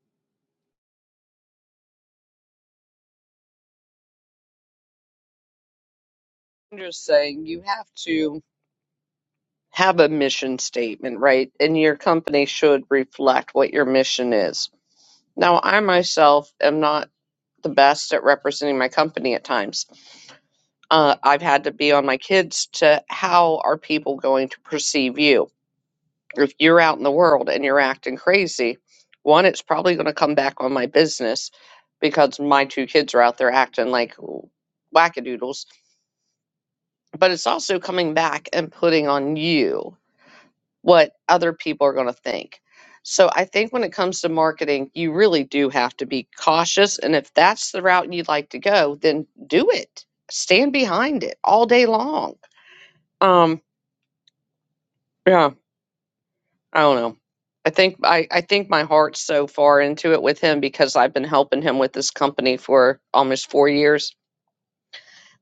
I'm just saying, you have to have a mission statement, right? And your company should reflect what your mission is. Now, I myself am not. the best at representing my company at times. Uh, I've had to be on my kids to how are people going to perceive you? If you're out in the world and you're acting crazy, one, it's probably going to come back on my business because my two kids are out there acting like wackadoodles, but it's also coming back and putting on you what other people are going to think. So I think when it comes to marketing, you really do have to be cautious. And if that's the route you'd like to go, then do it. Stand behind it all day long. Um, yeah, I don't know. I think I, I think my heart's so far into it with him because I've been helping him with this company for almost four years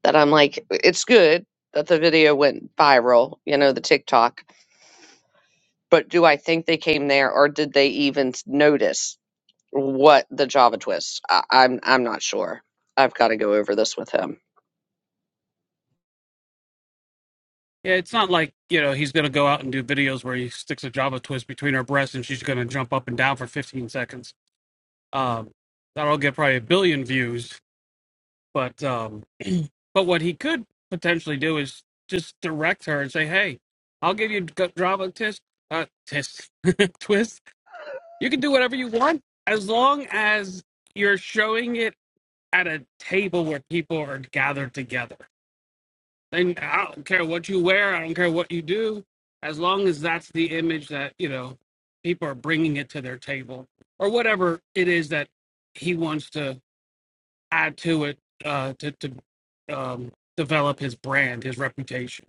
that I'm like, it's good that the video went viral, you know, the TikTok. But do I think they came there or did they even s- notice? what the Java twist. I, I'm I'm not sure. I've got to go over this with him.
Yeah, it's not like, you know, he's going to go out and do videos where he sticks a Java Twist between her breasts and she's going to jump up and down for 15 seconds. Um, that'll get probably a billion views But um, but what he could potentially do is just direct her and say, "Hey, I'll give you d- drama test, uh, test twist. You can do whatever you want as long as you're showing it at a table where people are gathered together. And I don't care what you wear. I don't care what you do. As long as that's the image that you know people are bringing it to their table or whatever it is that he wants to." add to it uh, to to um, develop his brand, his reputation,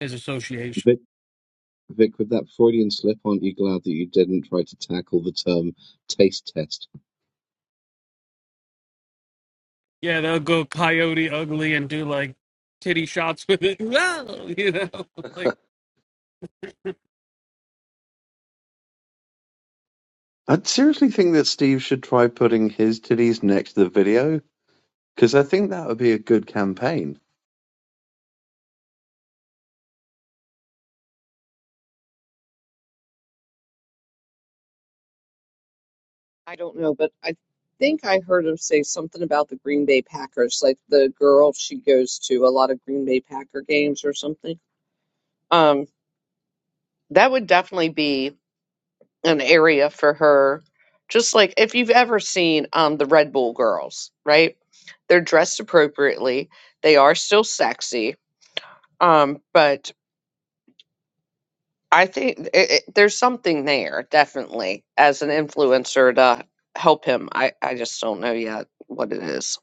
his association.
Vic, with that Freudian slip, aren't you glad that you didn't try to tackle the term taste test?
Yeah, they'll go coyote ugly and do like titty shots with it. you know, like
I'd seriously think that Steve should try putting his titties next to the video because I think that would be a good campaign.
I don't know, but I think I heard him say something about the Green Bay Packers, like the girl she goes to a lot of Green Bay Packer games or something. Um, that would definitely be an area for her. Just like if you've ever seen um the Red Bull girls, right? They're dressed appropriately. They are still sexy. Um, but I think it, it, there's something there, definitely, as an influencer to help him. I, I just don't know yet what it is.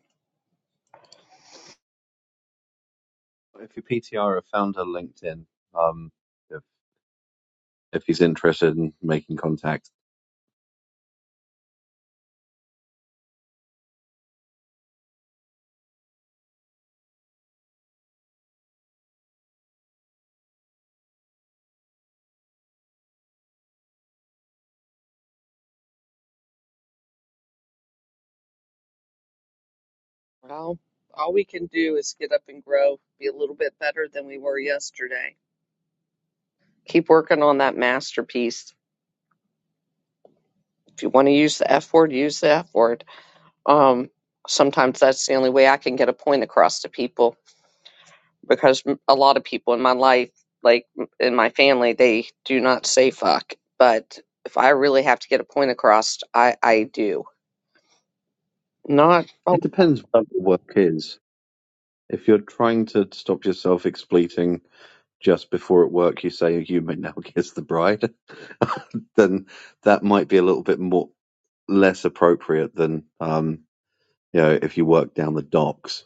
If your PTR have found her LinkedIn, um, if, if he's interested in making contact,
Well, all we can do is get up and grow, be a little bit better than we were yesterday. Keep working on that masterpiece. If you want to use the F word, use the F word. Um, sometimes that's the only way I can get a point across to people. because a lot of people in my life, like in my family, they do not say fuck. But if I really have to get a point across, I I do. Not oh,
it depends what the work is. If you're trying to stop yourself expleting just before at work, you say you may now kiss the bride, then that might be a little bit more. less appropriate than um, you know if you work down the docks.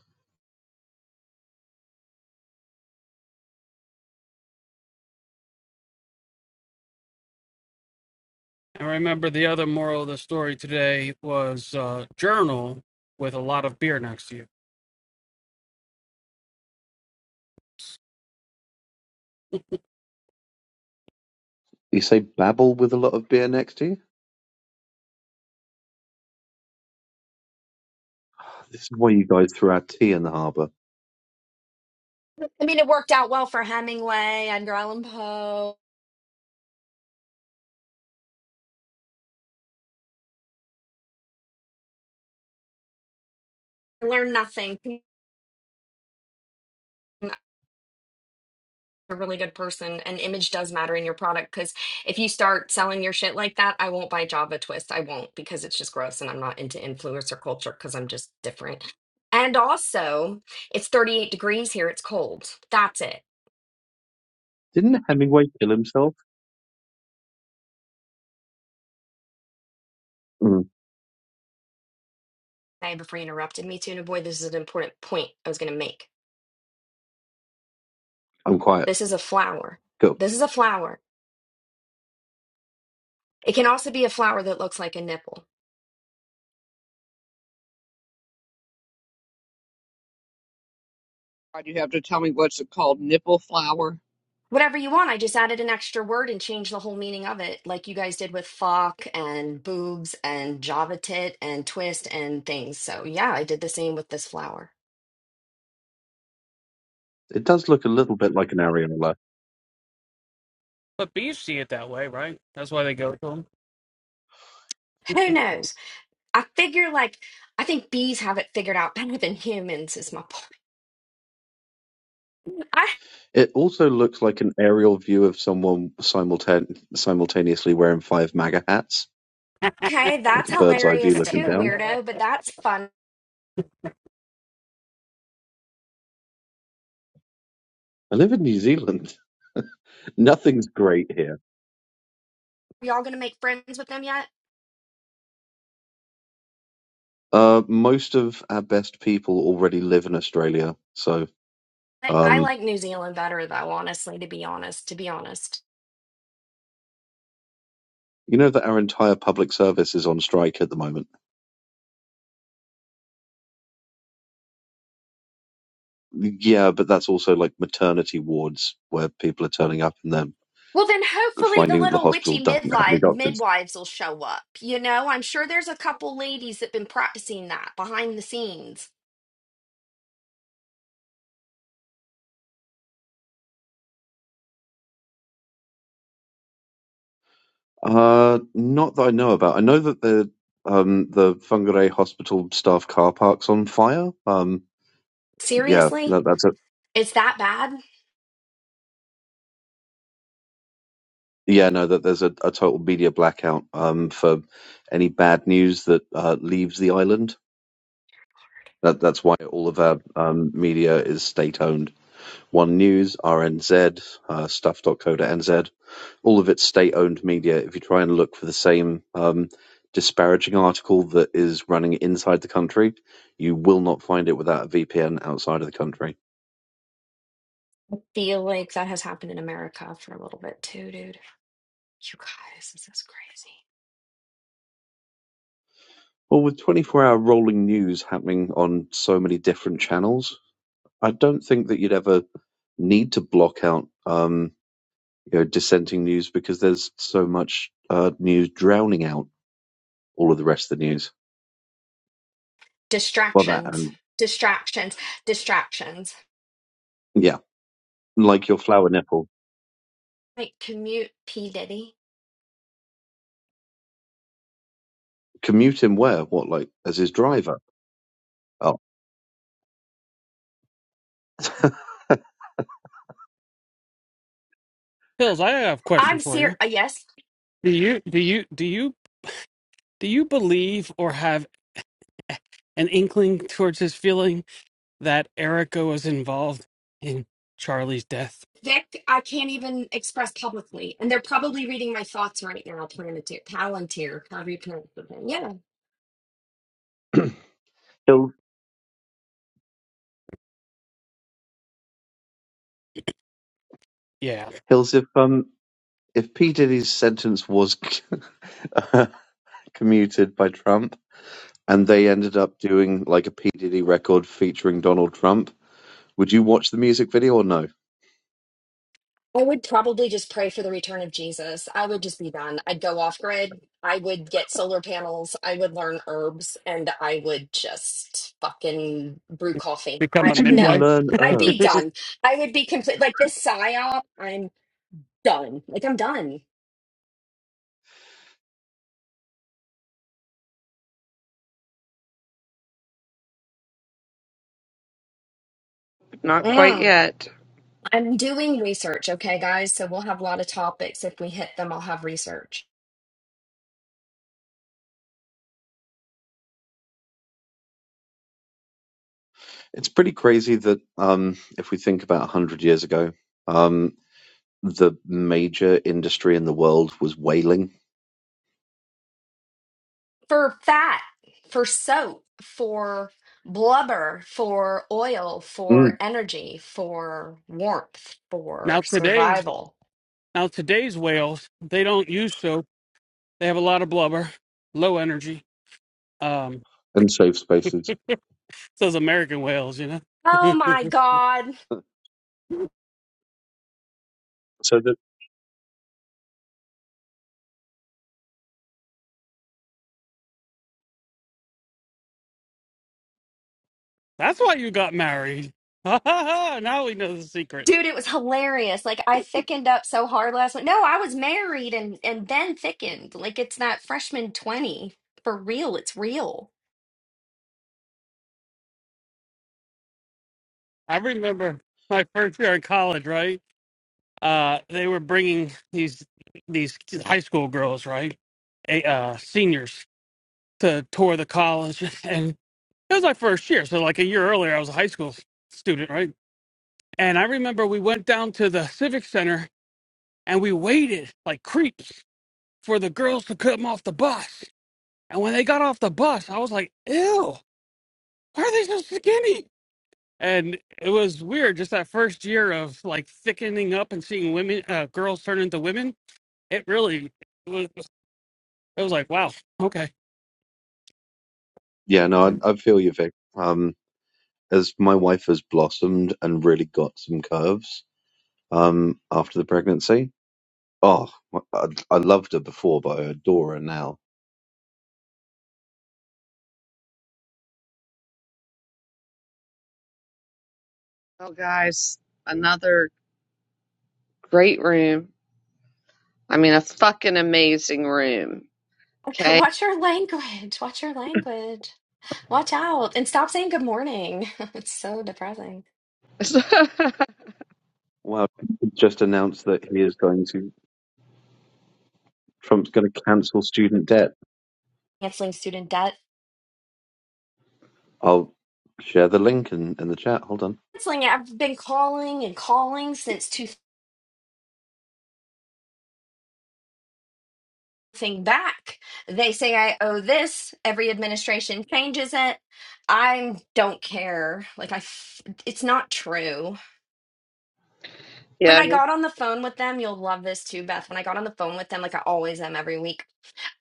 I remember the other moral of the story today was uh, journal with a lot of beer next to you.
You say Babel with a lot of beer next to you. This is why you guys threw our tea in the harbour.
I mean, it worked out well for Hemingway, Edgar Allan Poe. Learn nothing. I'm A really good person, and image does matter in your product because if you start selling your shit like that, I won't buy Java Twist. I won't because it's just gross and I'm not into influencer culture because I'm just different. And also, it's 38 degrees here. It's cold. That's it.
Didn't Hemingway kill himself? Mm,
I before you interrupted me to, and boy, this is an important point I was going to make.
I'm quiet.
This is a flower.
Cool.
This is a flower. It can also be a flower that looks like a nipple.
God, you have to tell me what's it called? Nipple flower?
Whatever you want. I just added an extra word and changed the whole meaning of it, like you guys did with fuck and boobs and Java tit and twist and things. So yeah, I did the same with this flower.
It does look a little bit like an areola.
But bees see it that way, right? That's why they go to to 'em.
Who knows? I figure like I think bees have it figured out better than humans is my point. I,
It also looks like an aerial view of someone simultan- simultaneously wearing five MAGA hats,
okay,
like
that's
a bird's eye view
hilarious
looking
too,
down.
weirdo. But that's fun.
I live in New Zealand. Nothing's great here.
Y'all gonna make friends with them yet?
Uh, most of our best people already live in Australia, so
I, I
um,
like New Zealand better though, honestly, to be honest, to be honest.
You know that our entire public service is on strike at the moment. Yeah, but that's also like maternity wards where people are turning up and they're
Well, then hopefully the
finding that the
little
hospital
witchy
doesn't have any
midlife
doctors.
midwives will show up. You know, I'm sure there's a couple ladies that been practicing that behind the scenes.
Uh, not that I know about. I know that the um the Whangarei Hospital staff car park's on fire. Um, yeah,
Seriously?
that, that's a
It's that bad?
yeah no that there's a, a total media blackout um for any bad news that uh, leaves the island. That that's why all of our um, media is state owned. One News, RNZ, uh, stuff.co.nz, all of it's state owned media. If you try and look for the same um, disparaging article that is running inside the country, you will not find it without a VPN outside of the country.
Feel like that has happened in America for a little bit too, dude. You guys, this is crazy.
Well, with 24 hour rolling news happening on so many different channels, I don't think that you'd ever need to block out um, you know, dissenting news because there's so much uh, news drowning out all of the rest of the news. Well, that
Distractions.
and
Distractions. Distractions.
yeah, like your flower nipple.
Like commute P. Diddy.
Commute him where? What, like as his driver? Oh,
Pills, I have a question
I'm
for you.
serious. Yes,
Do you do you do you do you believe or have an inkling towards this feeling that Erica was involved in Charlie's death?
Vic, I can't even express publicly. And they're probably reading my thoughts right now, Planeteer, Palantir, however you pronounce the thing. Yeah.
Hills.
Yeah.
Hills. If um, if P Diddy's sentence was commuted by Trump, and they ended up doing like a P Diddy record featuring Donald Trump, would you watch the music video or no?
I would probably just pray for the return of Jesus. I would just be done. I'd go off grid. I would get solar panels. I would learn herbs and I would just fucking brew coffee.
What
I
do
I-
you mean,
no.
learn
I'd be
herbs?
done. I would be complete like this psyop, I'm done. Like I'm done.
Not quite
Mm.
yet.
I'm doing research, okay, guys. So we'll have a lot of topics. If we hit them, I'll have research.
It's pretty crazy that um, if we think about a hundred years ago, um, the major industry in the world was whaling
for fat, for soap, for blubber, for oil, for
mm.
energy, for warmth,
Now
for
today's
survival.
now today's whales they don't use soap. They have a lot of blubber, low energy. Um,
and safe spaces.
those American whales, you know.
Oh my God.
So that
That's why you got married. Ha ha ha! now we know the secret.
Dude, it was hilarious. Like I thickened up so hard last night. No, I was married and and then thickened. Like it's that freshman 20. For real, it's real.
I remember my first year in college, right? uh, they were bringing these these high school girls, right, a, uh, seniors, to tour the college, and it was my first year. So like a year earlier, I was a high school s- student, right? And I remember we went down to the civic center and we waited like creeps for the girls to come off the bus. And when they got off the bus, I was like, "Ew, why are they so skinny?" And it was weird, just that first year of like thickening up and seeing women, uh, girls turn into women. It really was. It was like, wow, okay.
yeah, no, I, I feel you, Vic. Um, as my wife has blossomed and really got some curves um, after the pregnancy. Oh, I, I loved her before, but I adore her now.
Well, guys, another great room. I mean, a fucking amazing room. Okay.
Watch your language. Watch your language. Watch out and stop saying good morning. It's so depressing.
Well, he just announced that he is going to Trump's going to cancel student debt.
Canceling student debt.
I'll share the link in, in the chat. Hold on.
canceling it. I've been calling and calling since two thing back. They say I owe this. Every administration changes it. I don't care. Like I, f- it's not true. When
yeah.
I got on the phone with them, you'll love this too, Beth. When I got on the phone with them, like I always am every week.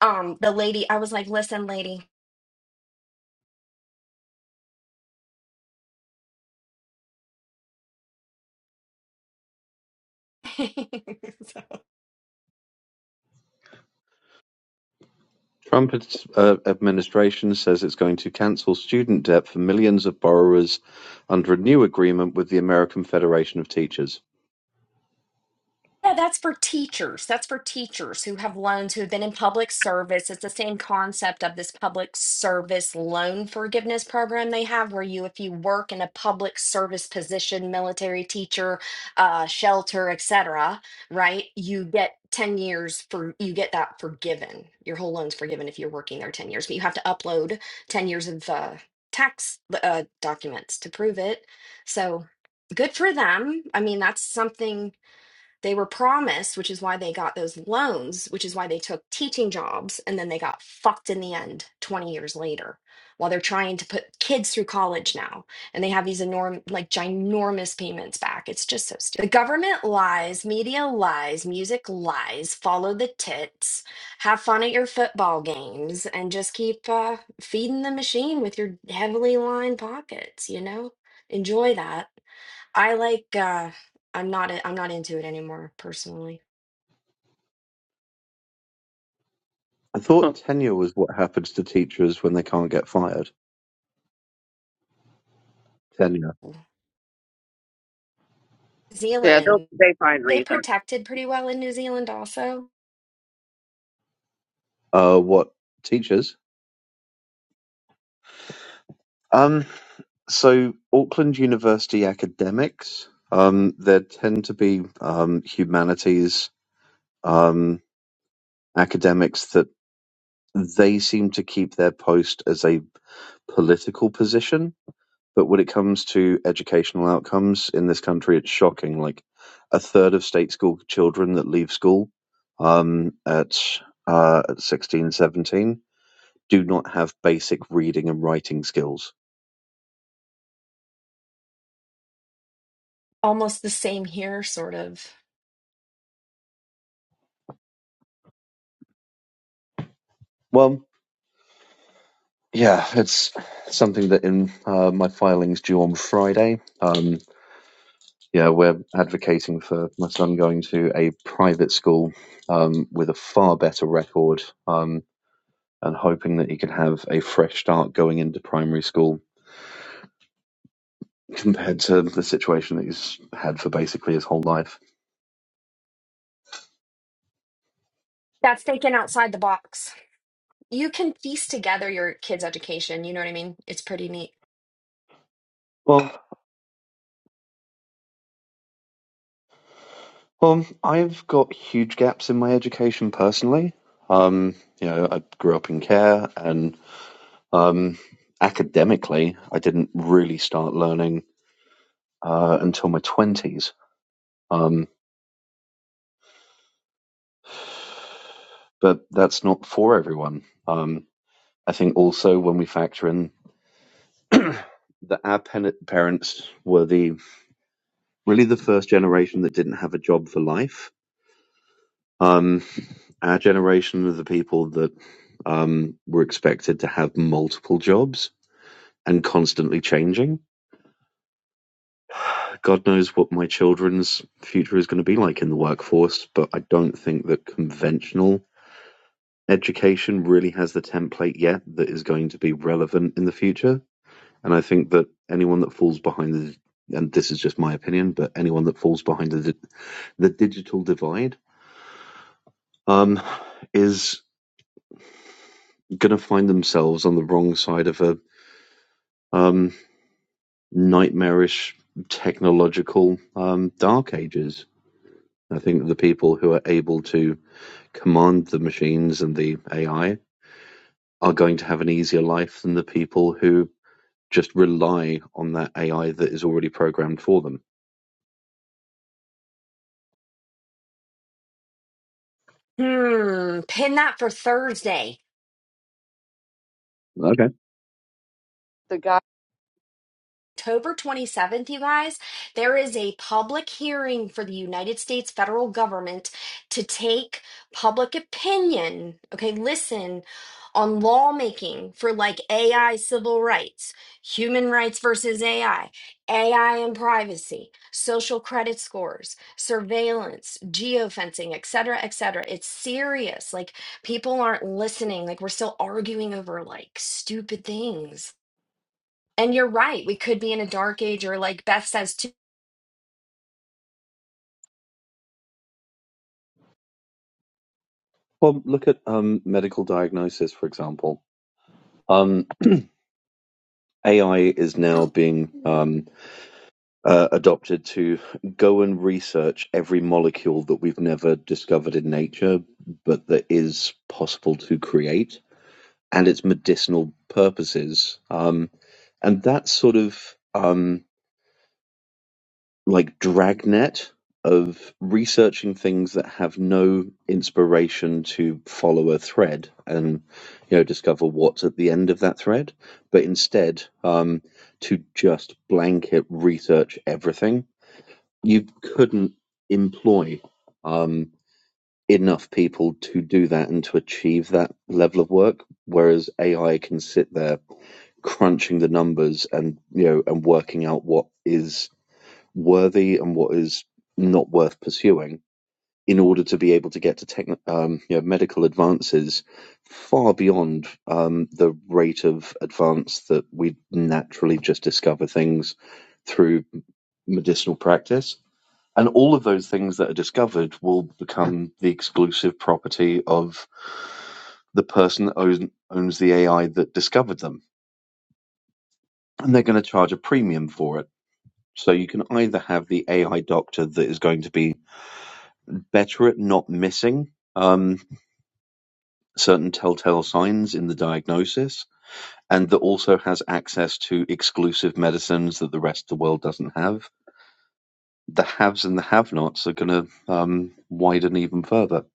Um, the lady, I was like, "Listen, lady."
Trump ad- uh, administration says it's going to cancel student debt for millions of borrowers under a new agreement with the American Federation of Teachers.
Yeah, that's for teachers. That's for teachers who have loans who have been in public service. It's the same concept of this public service loan forgiveness program they have, where you, if you work in a public service position, military teacher, uh, shelter, etc., right? You get 10 years for you get that forgiven. Your whole loan's forgiven if you're working there 10 years, but you have to upload 10 years of uh, tax uh, documents to prove it. So good for them. I mean, that's something they were promised, which is why they got those loans, which is why they took teaching jobs, and then they got fucked in the end 20 years later while they're trying to put kids through college now. And they have these enormous, like ginormous payments back. It's just so stupid. The government lies, media lies, music lies, follow the tits, have fun at your football games, and just keep uh, feeding the machine with your heavily lined pockets, you know? Enjoy that. I like uh I'm not i- am not into it anymore personally.
I thought tenure was what happens to teachers when they can't get fired. Tenure.
New
Yeah. They'll,
Zealand,
they find
they
reason.
protected pretty well in New Zealand also.
Uh, what teachers? Um, so Auckland University academics. Um, there tend to be um, humanities um, academics that they seem to keep their post as a political position. But when it comes to educational outcomes in this country, it's shocking. Like a third of state school children that leave school um, at, uh, at 16, 17, do not have basic reading and writing skills.
Almost the same here sort of.
Well. Yeah, it's something that in uh, my filings due on Friday. Um, yeah, we're advocating for my son going to a private school um, with a far better record um, and hoping that he can have a fresh start going into primary school compared to the situation that he's had for basically his whole life.
That's thinking outside the box. You can piece together your kids' education, you know what I mean? It's pretty neat.
Well, well, I've got huge gaps in my education personally. Um, you know, I grew up in care and Um, academically, I didn't really start learning uh, until my 20s, um, but that's not for everyone. Um, I think also when we factor in that our pen- parents were the really the first generation that didn't have a job for life. Um, our generation of the people that um, were expected to have multiple jobs and constantly changing God knows what my children's future is going to be like in the workforce, but I don't think that conventional education really has the template yet that is going to be relevant in the future. And I think that anyone that falls behind the and this is just my opinion, but anyone that falls behind the, the digital divide um, is going to find themselves on the wrong side of a um, nightmarish technological um, dark ages. I think that the people who are able to command the machines and the AI are going to have an easier life than the people who just rely on that AI that is already programmed for them.
Hmm, pin that for Thursday.
Okay.
The guy.
October 27th, you guys, there is a public hearing for the United States federal government to take public opinion, okay, listen, on lawmaking for like AI civil rights, human rights versus AI, AI and privacy, social credit scores, surveillance, geofencing, et cetera, et cetera. It's serious. Like people aren't listening. Like we're still arguing over like stupid things and you're right. We could be in a dark age, or like Beth says, too.
Well, look at um, medical diagnosis, for example. Um, AI is now being um, uh, adopted to go and research every molecule that we've never discovered in nature, but that is possible to create, and its medicinal purposes. Um, and that sort of um, like dragnet of researching things that have no inspiration to follow a thread and you know discover what's at the end of that thread but instead um, to just blanket research everything you couldn't employ um, enough people to do that and to achieve that level of work whereas ai can sit there crunching the numbers and you know and working out what is worthy and what is not worth pursuing in order to be able to get to techn um, you know, medical advances far beyond um, the rate of advance that we naturally just discover things through medicinal practice. And all of those things that are discovered will become the exclusive property of the person that owns, owns the AI that discovered them. And they're going to charge a premium for it. So you can either have the AI doctor that is going to be better at not missing um, certain telltale signs in the diagnosis, and that also has access to exclusive medicines that the rest of the world doesn't have. The haves and the have nots are going to um, widen even further.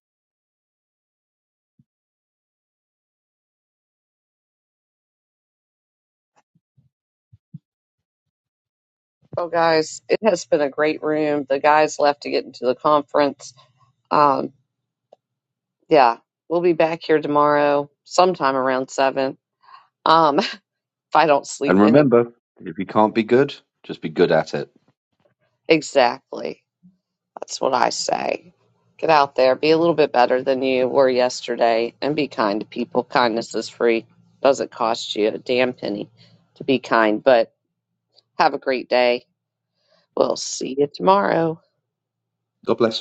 Oh, guys, it has been a great room. The guys left to get into the conference Um, yeah, we'll be back here tomorrow sometime around seven. Um, if I don't sleep
And
in it.
remember, if you can't be good, just be good at it.
exactly, that's what I say. Get out there, be a little bit better than you were yesterday, and be kind to people. Kindness is free; doesn't cost you a damn penny to be kind. But have a great day. We'll see you tomorrow.
God bless.